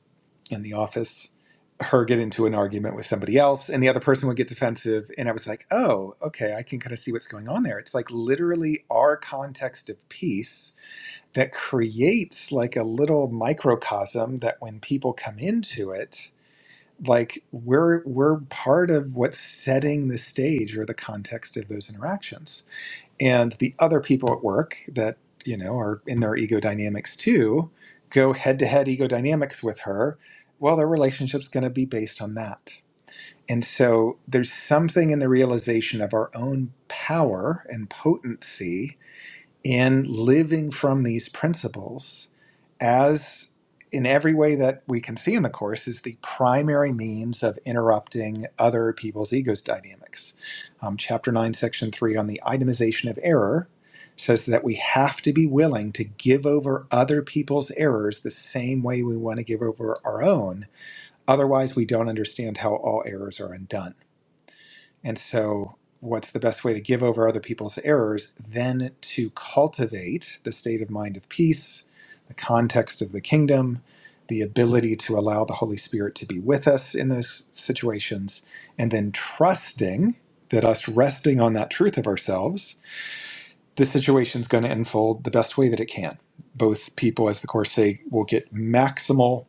in the office, her get into an argument with somebody else, and the other person would get defensive. And I was like, oh, okay, I can kind of see what's going on there. It's like literally our context of peace that creates like a little microcosm that when people come into it, like we're we're part of what's setting the stage or the context of those interactions and the other people at work that you know are in their ego dynamics too go head to head ego dynamics with her well their relationship's going to be based on that and so there's something in the realization of our own power and potency in living from these principles as in every way that we can see in the course is the primary means of interrupting other people's egos dynamics um, chapter 9 section 3 on the itemization of error says that we have to be willing to give over other people's errors the same way we want to give over our own otherwise we don't understand how all errors are undone and so, what's the best way to give over other people's errors than to cultivate the state of mind of peace, the context of the kingdom, the ability to allow the Holy Spirit to be with us in those situations, and then trusting that us resting on that truth of ourselves, the situation's going to unfold the best way that it can. Both people, as the Course say, will get maximal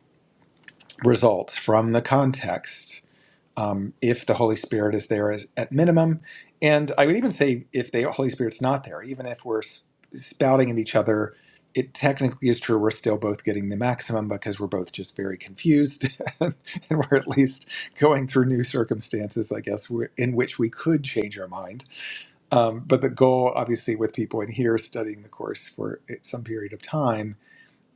results from the context um, if the Holy Spirit is there as, at minimum. And I would even say if the Holy Spirit's not there, even if we're s- spouting at each other, it technically is true we're still both getting the maximum because we're both just very confused and we're at least going through new circumstances, I guess, wh- in which we could change our mind. Um, but the goal, obviously, with people in here studying the course for eh, some period of time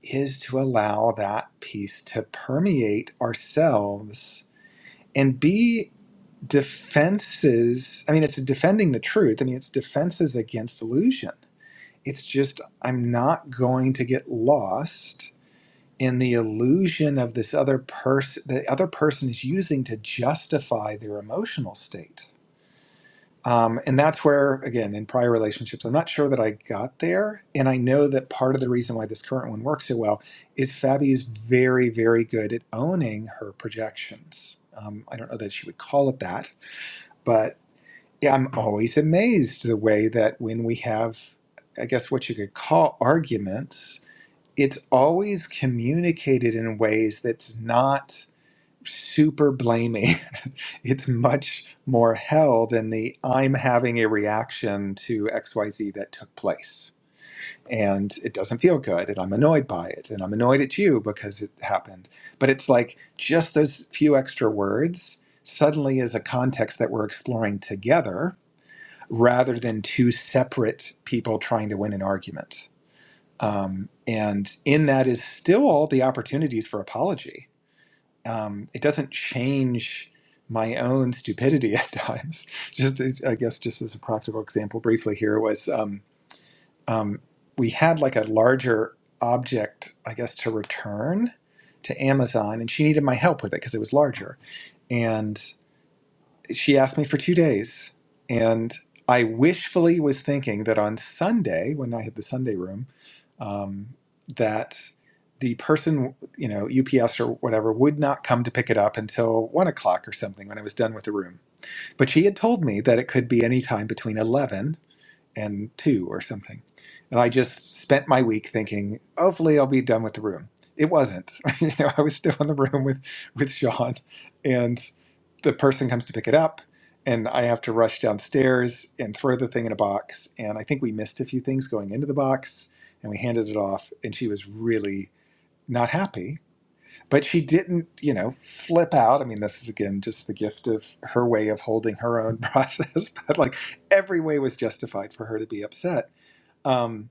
is to allow that peace to permeate ourselves and be defenses i mean it's defending the truth i mean it's defenses against illusion it's just i'm not going to get lost in the illusion of this other person the other person is using to justify their emotional state um, and that's where again in prior relationships i'm not sure that i got there and i know that part of the reason why this current one works so well is fabi is very very good at owning her projections um, i don't know that she would call it that but yeah, I'm always amazed the way that when we have, I guess what you could call arguments, it's always communicated in ways that's not super blaming. it's much more held in the I'm having a reaction to XYZ that took place. And it doesn't feel good, and I'm annoyed by it, and I'm annoyed at you because it happened. But it's like just those few extra words suddenly is a context that we're exploring together rather than two separate people trying to win an argument. Um, and in that is still all the opportunities for apology. Um, it doesn't change my own stupidity at times. Just, I guess, just as a practical example, briefly here was um, um, we had like a larger object, I guess, to return to Amazon, and she needed my help with it because it was larger. and she asked me for two days. And I wishfully was thinking that on Sunday, when I had the Sunday room, um, that the person, you know, UPS or whatever, would not come to pick it up until one o'clock or something when I was done with the room. But she had told me that it could be any time between 11 and two or something. And I just spent my week thinking, hopefully I'll be done with the room. It wasn't. you know, I was still in the room with with Sean, and the person comes to pick it up, and I have to rush downstairs and throw the thing in a box. And I think we missed a few things going into the box, and we handed it off, and she was really not happy but she didn't, you know, flip out. I mean, this is again just the gift of her way of holding her own process, but like every way was justified for her to be upset. Um,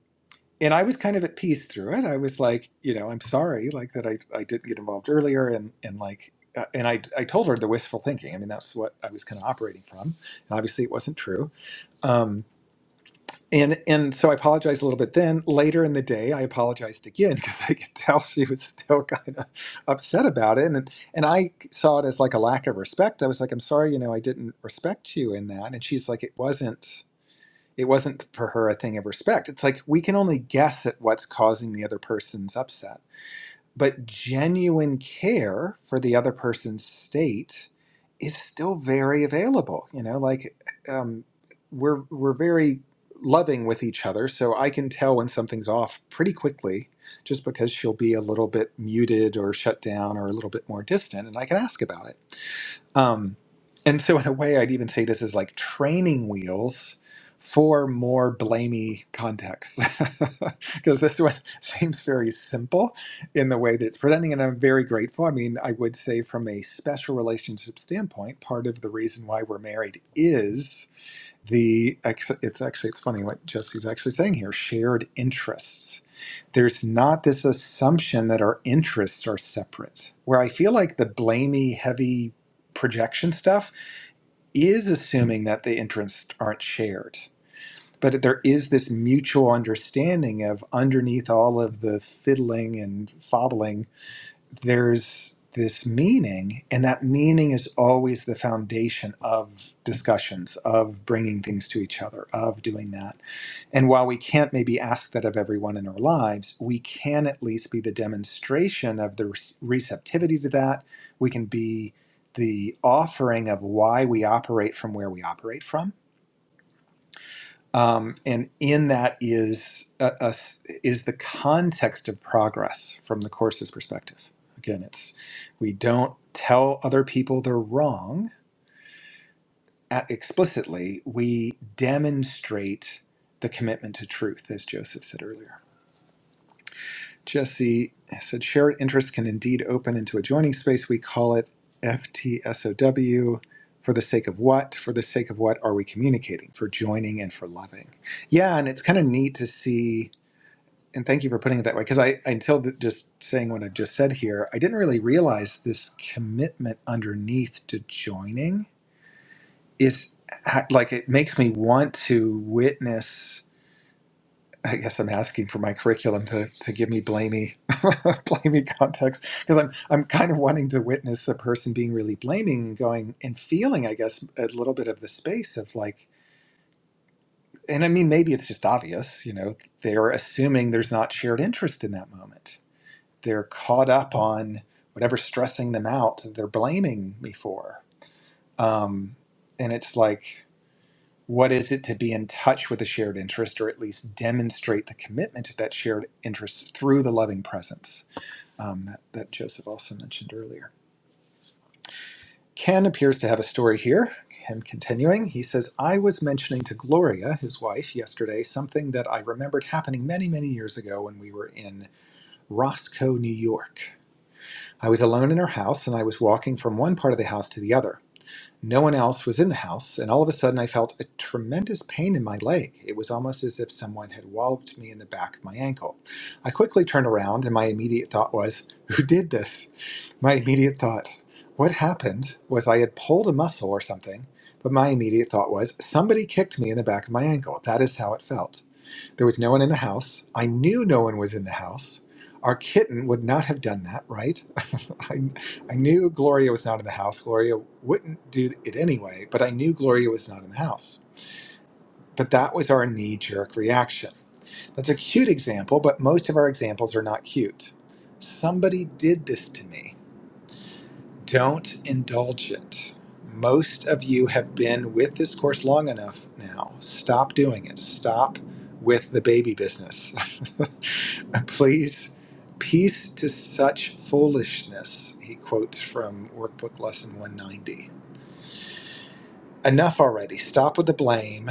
and I was kind of at peace through it. I was like, you know, I'm sorry, like that I, I didn't get involved earlier. And, and like, uh, and I, I told her the wistful thinking. I mean, that's what I was kind of operating from. And obviously it wasn't true. Um, and and so I apologized a little bit. Then later in the day, I apologized again because I could tell she was still kind of upset about it, and and I saw it as like a lack of respect. I was like, "I'm sorry, you know, I didn't respect you in that." And she's like, "It wasn't." It wasn't for her a thing of respect. It's like we can only guess at what's causing the other person's upset but genuine care for the other person's state is still very available you know like um, we're we're very loving with each other so i can tell when something's off pretty quickly just because she'll be a little bit muted or shut down or a little bit more distant and i can ask about it um, and so, in a way, I'd even say this is like training wheels for more blamey contexts, because this one seems very simple in the way that it's presenting, and I'm very grateful. I mean, I would say from a special relationship standpoint, part of the reason why we're married is the it's actually it's funny what Jesse's actually saying here shared interests there's not this assumption that our interests are separate where i feel like the blamey heavy projection stuff is assuming that the interests aren't shared but there is this mutual understanding of underneath all of the fiddling and fobbling there's this meaning, and that meaning is always the foundation of discussions, of bringing things to each other, of doing that. And while we can't maybe ask that of everyone in our lives, we can at least be the demonstration of the re- receptivity to that. We can be the offering of why we operate from where we operate from um, and in that is a, a s- is the context of progress from the course's perspective. Again, it's we don't tell other people they're wrong uh, explicitly. We demonstrate the commitment to truth, as Joseph said earlier. Jesse said, shared interests can indeed open into a joining space. We call it FTSOW. For the sake of what? For the sake of what are we communicating? For joining and for loving. Yeah, and it's kind of neat to see and thank you for putting it that way because I, I until th- just saying what i just said here, I didn't really realize this commitment underneath to joining is ha- like it makes me want to witness. I guess I'm asking for my curriculum to, to give me blamey blamey context because I'm I'm kind of wanting to witness a person being really blaming and going and feeling I guess a little bit of the space of like and I mean maybe it's just obvious you know they're assuming there's not shared interest in that moment they're caught up on whatever's stressing them out they're blaming me for um, and it's like what is it to be in touch with a shared interest or at least demonstrate the commitment to that shared interest through the loving presence um, that, that joseph also mentioned earlier ken appears to have a story here him continuing he says i was mentioning to gloria his wife yesterday something that i remembered happening many many years ago when we were in roscoe new york I was alone in her house, and I was walking from one part of the house to the other. No one else was in the house, and all of a sudden I felt a tremendous pain in my leg. It was almost as if someone had walloped me in the back of my ankle. I quickly turned around, and my immediate thought was, Who did this? My immediate thought, What happened, was I had pulled a muscle or something, but my immediate thought was, Somebody kicked me in the back of my ankle. That is how it felt. There was no one in the house. I knew no one was in the house. Our kitten would not have done that, right? I, I knew Gloria was not in the house. Gloria wouldn't do it anyway, but I knew Gloria was not in the house. But that was our knee jerk reaction. That's a cute example, but most of our examples are not cute. Somebody did this to me. Don't indulge it. Most of you have been with this course long enough now. Stop doing it. Stop with the baby business. Please, peace to such foolishness. He quotes from Workbook Lesson 190. Enough already. Stop with the blame.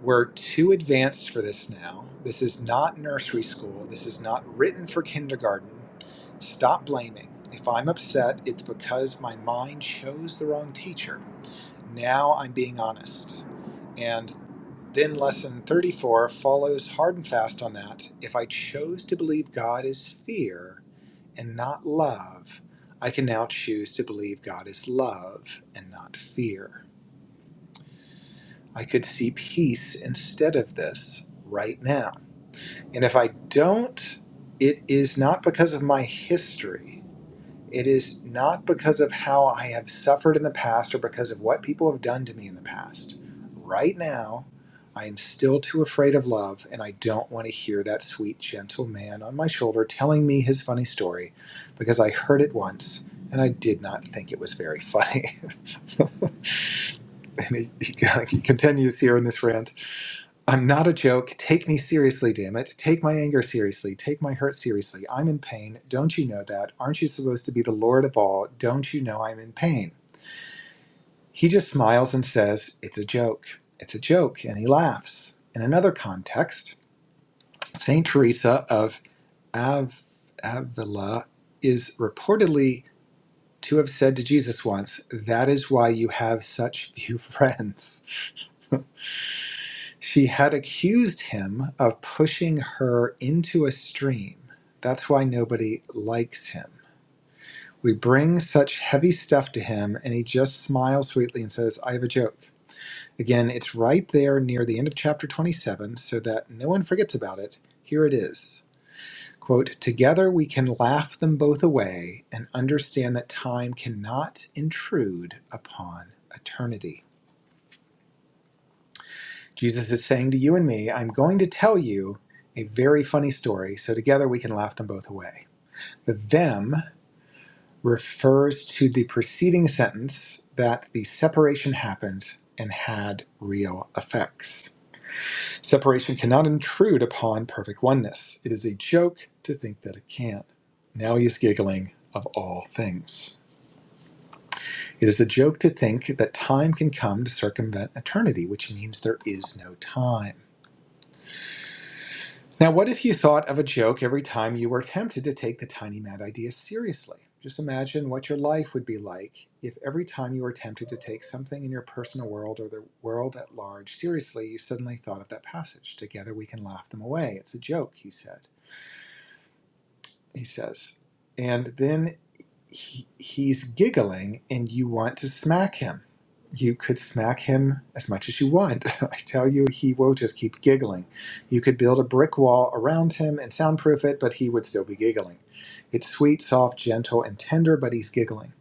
We're too advanced for this now. This is not nursery school. This is not written for kindergarten. Stop blaming. If I'm upset, it's because my mind chose the wrong teacher. Now I'm being honest. And then lesson 34 follows hard and fast on that. If I chose to believe God is fear and not love, I can now choose to believe God is love and not fear. I could see peace instead of this right now. And if I don't, it is not because of my history. It is not because of how I have suffered in the past or because of what people have done to me in the past. Right now, I am still too afraid of love, and I don't want to hear that sweet, gentle man on my shoulder telling me his funny story because I heard it once and I did not think it was very funny. And he, he, he continues here in this rant. I'm not a joke. Take me seriously, damn it. Take my anger seriously. Take my hurt seriously. I'm in pain. Don't you know that? Aren't you supposed to be the Lord of all? Don't you know I'm in pain? He just smiles and says, It's a joke. It's a joke. And he laughs. In another context, St. Teresa of Av- Avila is reportedly to have said to Jesus once, That is why you have such few friends. She had accused him of pushing her into a stream. That's why nobody likes him. We bring such heavy stuff to him, and he just smiles sweetly and says, I have a joke. Again, it's right there near the end of chapter 27, so that no one forgets about it. Here it is. Quote, Together we can laugh them both away and understand that time cannot intrude upon eternity Jesus is saying to you and me, I'm going to tell you a very funny story so together we can laugh them both away. The them refers to the preceding sentence that the separation happened and had real effects. Separation cannot intrude upon perfect oneness. It is a joke to think that it can. Now he is giggling of all things. It is a joke to think that time can come to circumvent eternity, which means there is no time. Now, what if you thought of a joke every time you were tempted to take the tiny mad idea seriously? Just imagine what your life would be like if every time you were tempted to take something in your personal world or the world at large seriously, you suddenly thought of that passage. Together we can laugh them away. It's a joke, he said. He says. And then he, he's giggling and you want to smack him. You could smack him as much as you want. I tell you, he will just keep giggling. You could build a brick wall around him and soundproof it, but he would still be giggling. It's sweet, soft, gentle, and tender, but he's giggling.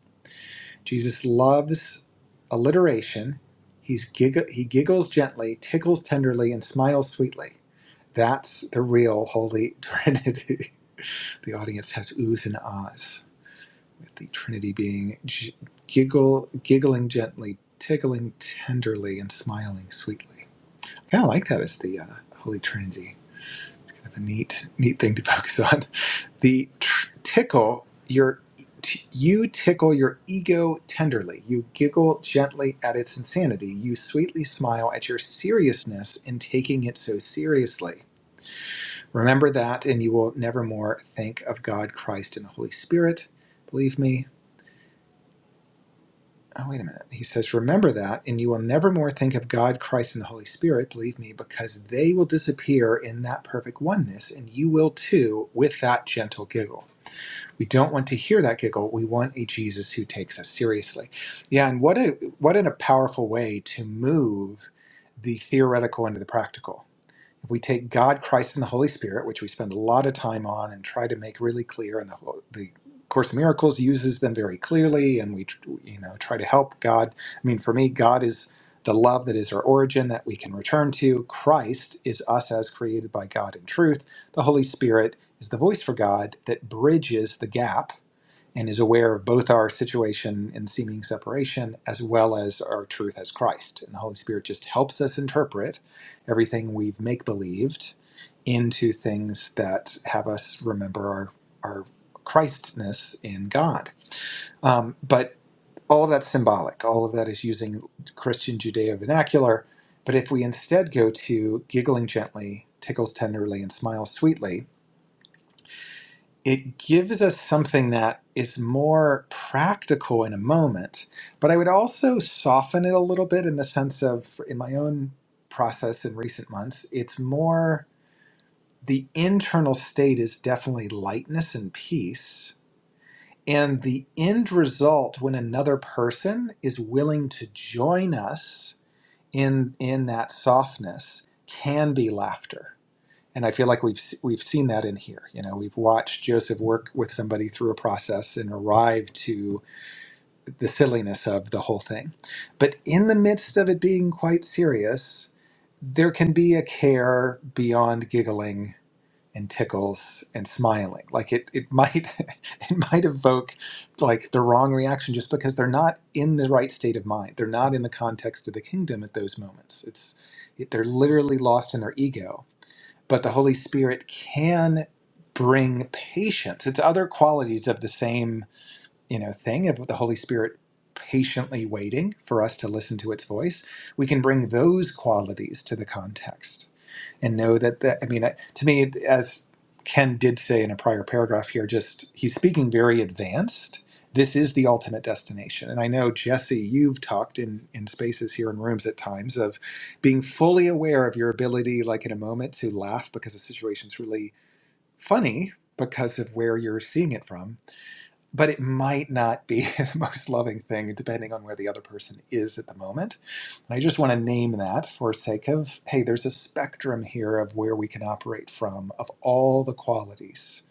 Jesus loves alliteration. He's gigg- he giggles gently, tickles tenderly, and smiles sweetly. That's the real Holy Trinity. The audience has oohs and ahs the Trinity being g- giggle, giggling gently, tickling tenderly, and smiling sweetly. I Kind of like that as the uh, Holy Trinity. It's kind of a neat, neat thing to focus on. The tr- tickle your, t- you tickle your ego tenderly. You giggle gently at its insanity. You sweetly smile at your seriousness in taking it so seriously. Remember that, and you will nevermore think of God, Christ, and the Holy Spirit. Believe me, oh, wait a minute. He says, Remember that, and you will never more think of God, Christ, and the Holy Spirit, believe me, because they will disappear in that perfect oneness, and you will too with that gentle giggle. We don't want to hear that giggle. We want a Jesus who takes us seriously. Yeah, and what a what in a powerful way to move the theoretical into the practical if we take God, Christ, and the Holy Spirit, which we spend a lot of time on and try to make really clear, and the, the Course in Miracles uses them very clearly, and we, you know, try to help God. I mean, for me, God is the love that is our origin that we can return to. Christ is us as created by God in truth. The Holy Spirit is the voice for God that bridges the gap and is aware of both our situation in seeming separation as well as our truth as Christ. And the Holy Spirit just helps us interpret everything we've make believed into things that have us remember our, our Christness in God. Um, but all of that's symbolic, all of that is using Christian Judeo vernacular. But if we instead go to giggling gently, tickles tenderly, and smiles sweetly, it gives us something that is more practical in a moment. But I would also soften it a little bit in the sense of, in my own process in recent months, it's more the internal state is definitely lightness and peace. And the end result when another person is willing to join us in, in that softness can be laughter and I feel like we've we've seen that in here. You know, we've watched Joseph work with somebody through a process and arrive to the silliness of the whole thing. But in the midst of it being quite serious, there can be a care beyond giggling and tickles and smiling. Like it, it might it might evoke like the wrong reaction just because they're not in the right state of mind. They're not in the context of the kingdom at those moments. It's it, they're literally lost in their ego but the Holy Spirit can bring patience. It's other qualities of the same, you know, thing of the Holy Spirit patiently waiting for us to listen to its voice. We can bring those qualities to the context and know that the, I mean, I- to me, as Ken did say in a prior paragraph here, just he's speaking very advanced. This is the ultimate destination. And I know, Jesse, you've talked in, in spaces here in rooms at times of being fully aware of your ability, like in a moment, to laugh because the situation's really funny because of where you're seeing it from but it might not be the most loving thing depending on where the other person is at the moment. And I just want to name that for sake of hey, there's a spectrum here of where we can operate from of all the qualities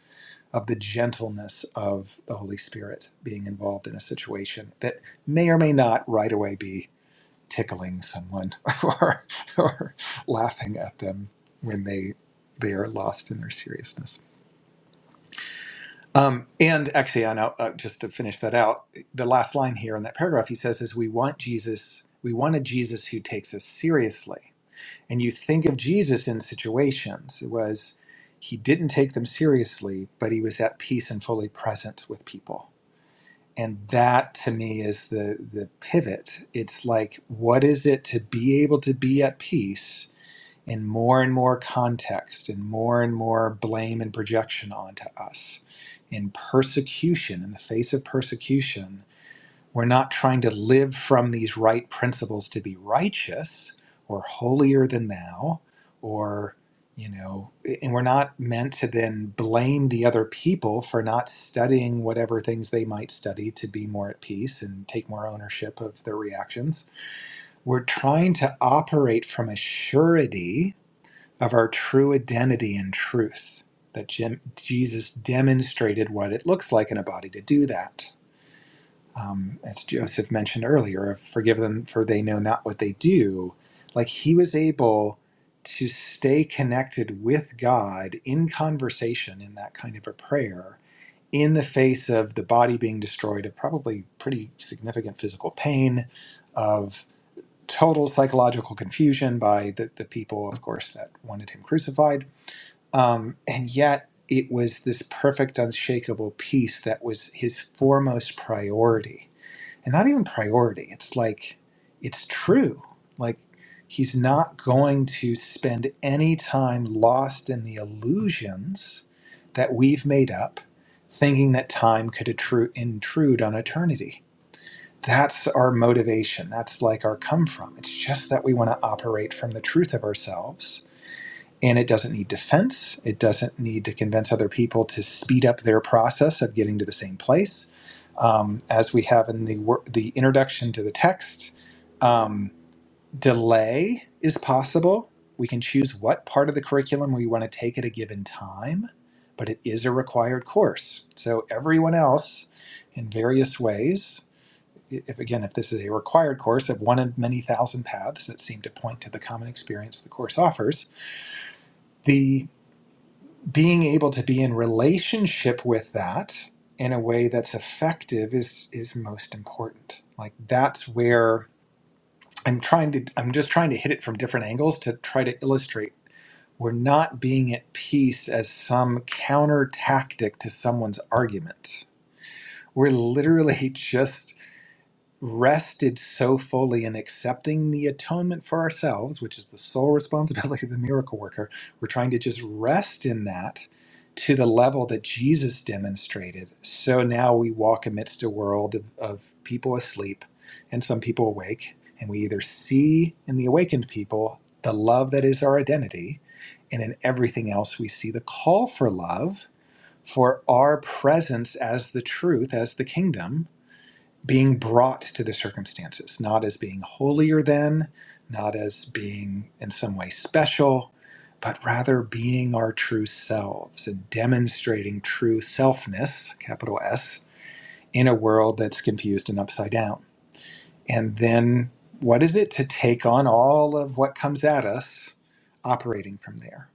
of the gentleness of the Holy Spirit being involved in a situation that may or may not right away be tickling someone or, or laughing at them when they they are lost in their seriousness. Um, and actually, I know, uh, just to finish that out, the last line here in that paragraph, he says, is we want Jesus, we want a Jesus who takes us seriously. And you think of Jesus in situations, it was, he didn't take them seriously, but he was at peace and fully present with people. And that to me is the, the pivot. It's like, what is it to be able to be at peace and more and more context and more and more blame and projection onto us. In persecution, in the face of persecution, we're not trying to live from these right principles to be righteous or holier than thou or you know and we're not meant to then blame the other people for not studying whatever things they might study to be more at peace and take more ownership of their reactions we're trying to operate from a surety of our true identity and truth. That Jim, Jesus demonstrated what it looks like in a body to do that. Um, as Joseph mentioned earlier, of forgive them for they know not what they do. Like he was able to stay connected with God in conversation in that kind of a prayer in the face of the body being destroyed, of probably pretty significant physical pain, of total psychological confusion by the, the people, of course, that wanted him crucified um, and yet, it was this perfect, unshakable peace that was his foremost priority. And not even priority, it's like, it's true. Like, he's not going to spend any time lost in the illusions that we've made up, thinking that time could attru- intrude on eternity. That's our motivation. That's like our come from. It's just that we want to operate from the truth of ourselves and it doesn't need defense. It doesn't need to convince other people to speed up their process of getting to the same place. Um, as we have in the wor- the introduction to the text, um, delay is possible. We can choose what part of the curriculum we want to take at a given time, but it is a required course. So everyone else, in various ways, i- if again, if this is a required course of one of many thousand paths that seem to point to the common experience the course offers, the being able to be in relationship with that in a way that's effective is is most important like that's where i'm trying to i'm just trying to hit it from different angles to try to illustrate we're not being at peace as some counter tactic to someone's argument we're literally just rested so fully in accepting the atonement for ourselves, which is the sole responsibility of the miracle worker, we're trying to just rest in that to the level that Jesus demonstrated. So now we walk amidst a world of, of people asleep and some people awake, and we either see in the awakened people the love that is our identity, and in everything else we see the call for love. For our presence as the truth, as the kingdom, being brought to the circumstances, not as being holier than, not as being in some way special, but rather being our true selves and demonstrating true selfness, capital S, in a world that's confused and upside down. And then what is it to take on all of what comes at us operating from there?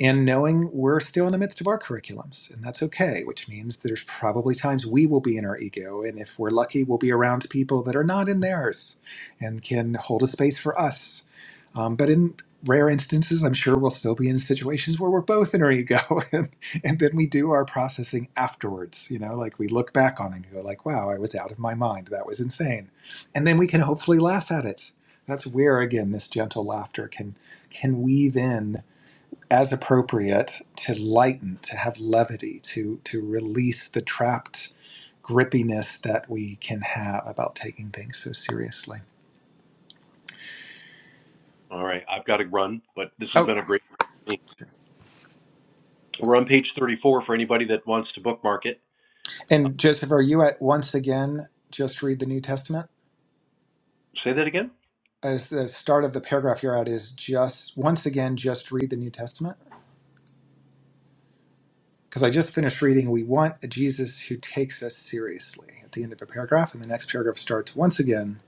And knowing we're still in the midst of our curriculums, and that's okay, which means there's probably times we will be in our ego. And if we're lucky, we'll be around people that are not in theirs and can hold a space for us. Um, but in rare instances, I'm sure we'll still be in situations where we're both in our ego. And, and then we do our processing afterwards. You know, like we look back on it and go, like, wow, I was out of my mind. That was insane and then we can hopefully laugh at it. That's where again this gentle laughter can can weave in as appropriate to lighten, to have levity, to to release the trapped grippiness that we can have about taking things so seriously.
All right, I've got to run, but this has
Oh,
been a great. We're on page 34 for anybody that wants to bookmark it. Uh,
and Joseph, are you at once again just read the New Testament?
say that again?
As the start of the paragraph you're at is just once again just read the New Testament. because I just finished reading We Want a Jesus Who Takes Us Seriously at the end of a paragraph, and the next paragraph starts once again,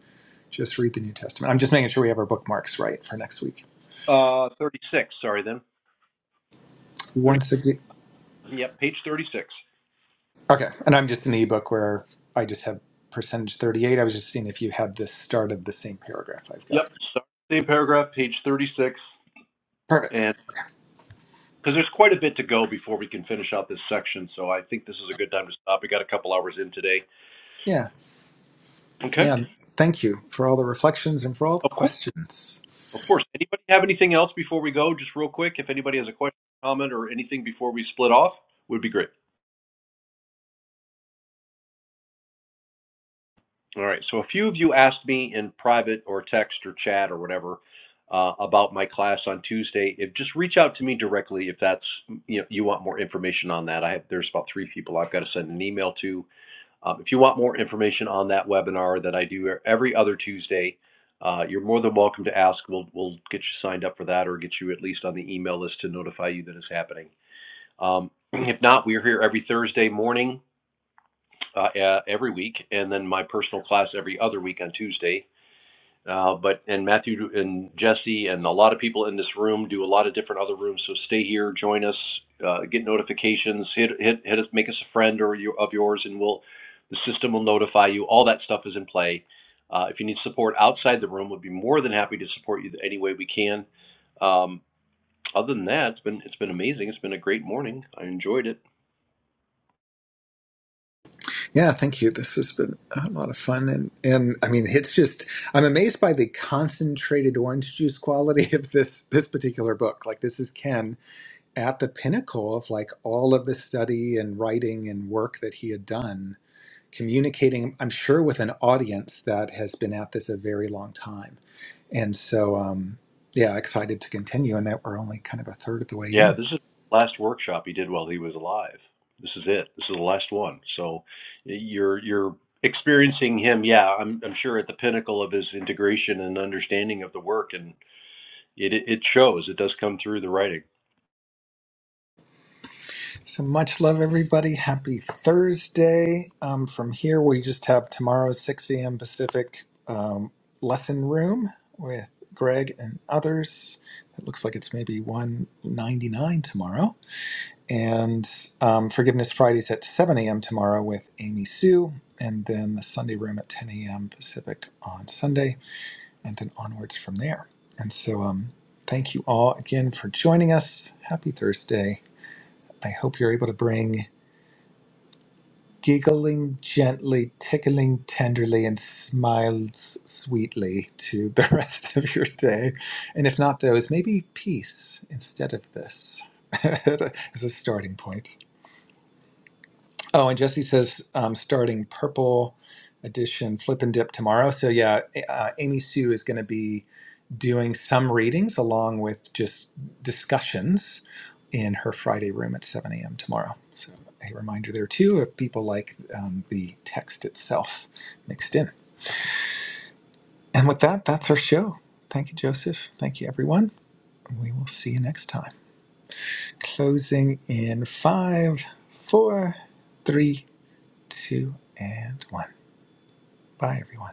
just read the New Testament. I'm just making sure we have our bookmarks right for next week.
Uh, 36, sorry then. 30,
Once again,
yep, page 36.
okay, and I'm just in the ebook where I just have percentage 38. I was just seeing if you had this started the same paragraph I've got.
Yep, sorry. same paragraph, page 36.
Perfect.
And because there's quite a bit to go before we can finish out this section, so I think this is a good time to stop. We got a couple hours in today.
Yeah,
Okay,
yeah. Thank you for all the reflections and for all the
of course.
questions.
Of course. Anybody have anything else before we go? Just real quick, if anybody has a question, comment, or anything before we split off, would be great. All right. So a few of you asked me in private or text or chat or whatever uh, about my class on Tuesday. If just reach out to me directly if that's you know you want more information on that. I have there's about three people I've got to send an email to. Um, if you want more information on that webinar that I do every other Tuesday, uh, you're more than welcome to ask. We'll we'll get you signed up for that or get you at least on the email list to notify you that it's happening. Um, if not, we're here every Thursday morning uh, uh, every week, and then my personal class every other week on Tuesday. Uh, but and Matthew and Jesse and a lot of people in this room do a lot of different other rooms. So stay here, join us, uh, get notifications, hit hit hit us, make us a friend or you, of yours, and we'll the system will notify you. All that stuff is in play. Uh, if you need support outside the room, we'd be more than happy to support you any way we can. Um, other than that, it's been it's been amazing. It's been a great morning. I enjoyed it.
Yeah, thank you. This has been a lot of fun, and and I mean, it's just I'm amazed by the concentrated orange juice quality of this this particular book. Like this is Ken at the pinnacle of like all of the study and writing and work that he had done, communicating. I'm sure with an audience that has been at this a very long time, and so um, yeah, excited to continue, and that we're only kind of a third of the way
Yeah,
in.
this is the last workshop he did while he was alive. This is it. This is the last one. So you're you're experiencing him. Yeah, I'm I'm sure at the pinnacle of his integration and understanding of the work, and it it shows. It does come through the writing.
So much love, everybody. Happy Thursday. Um, from here, we just have tomorrow's 6 a.m. Pacific um, lesson room with Greg and others. It looks like it's maybe 199 tomorrow. And um, Forgiveness Fridays at 7 a.m. tomorrow with Amy Sue. And then the Sunday room at 10 a.m. Pacific on Sunday. And then onwards from there. And so um, thank you all again for joining us. Happy Thursday. I hope you're able to bring giggling gently, tickling tenderly, and smiles sweetly to the rest of your day. And if not those, maybe peace instead of this as a starting point. Oh, and Jesse says um, starting purple edition flip and dip tomorrow. So yeah, uh, Amy Sue is going to be doing some readings along with just discussions in her Friday room at 7 a.m. tomorrow. So a reminder there too if people like um, the text itself mixed in. And with that, that's our show. Thank you, Joseph. Thank you, everyone. We will see you next time. Closing in five, four, three, two, and one. Bye, everyone.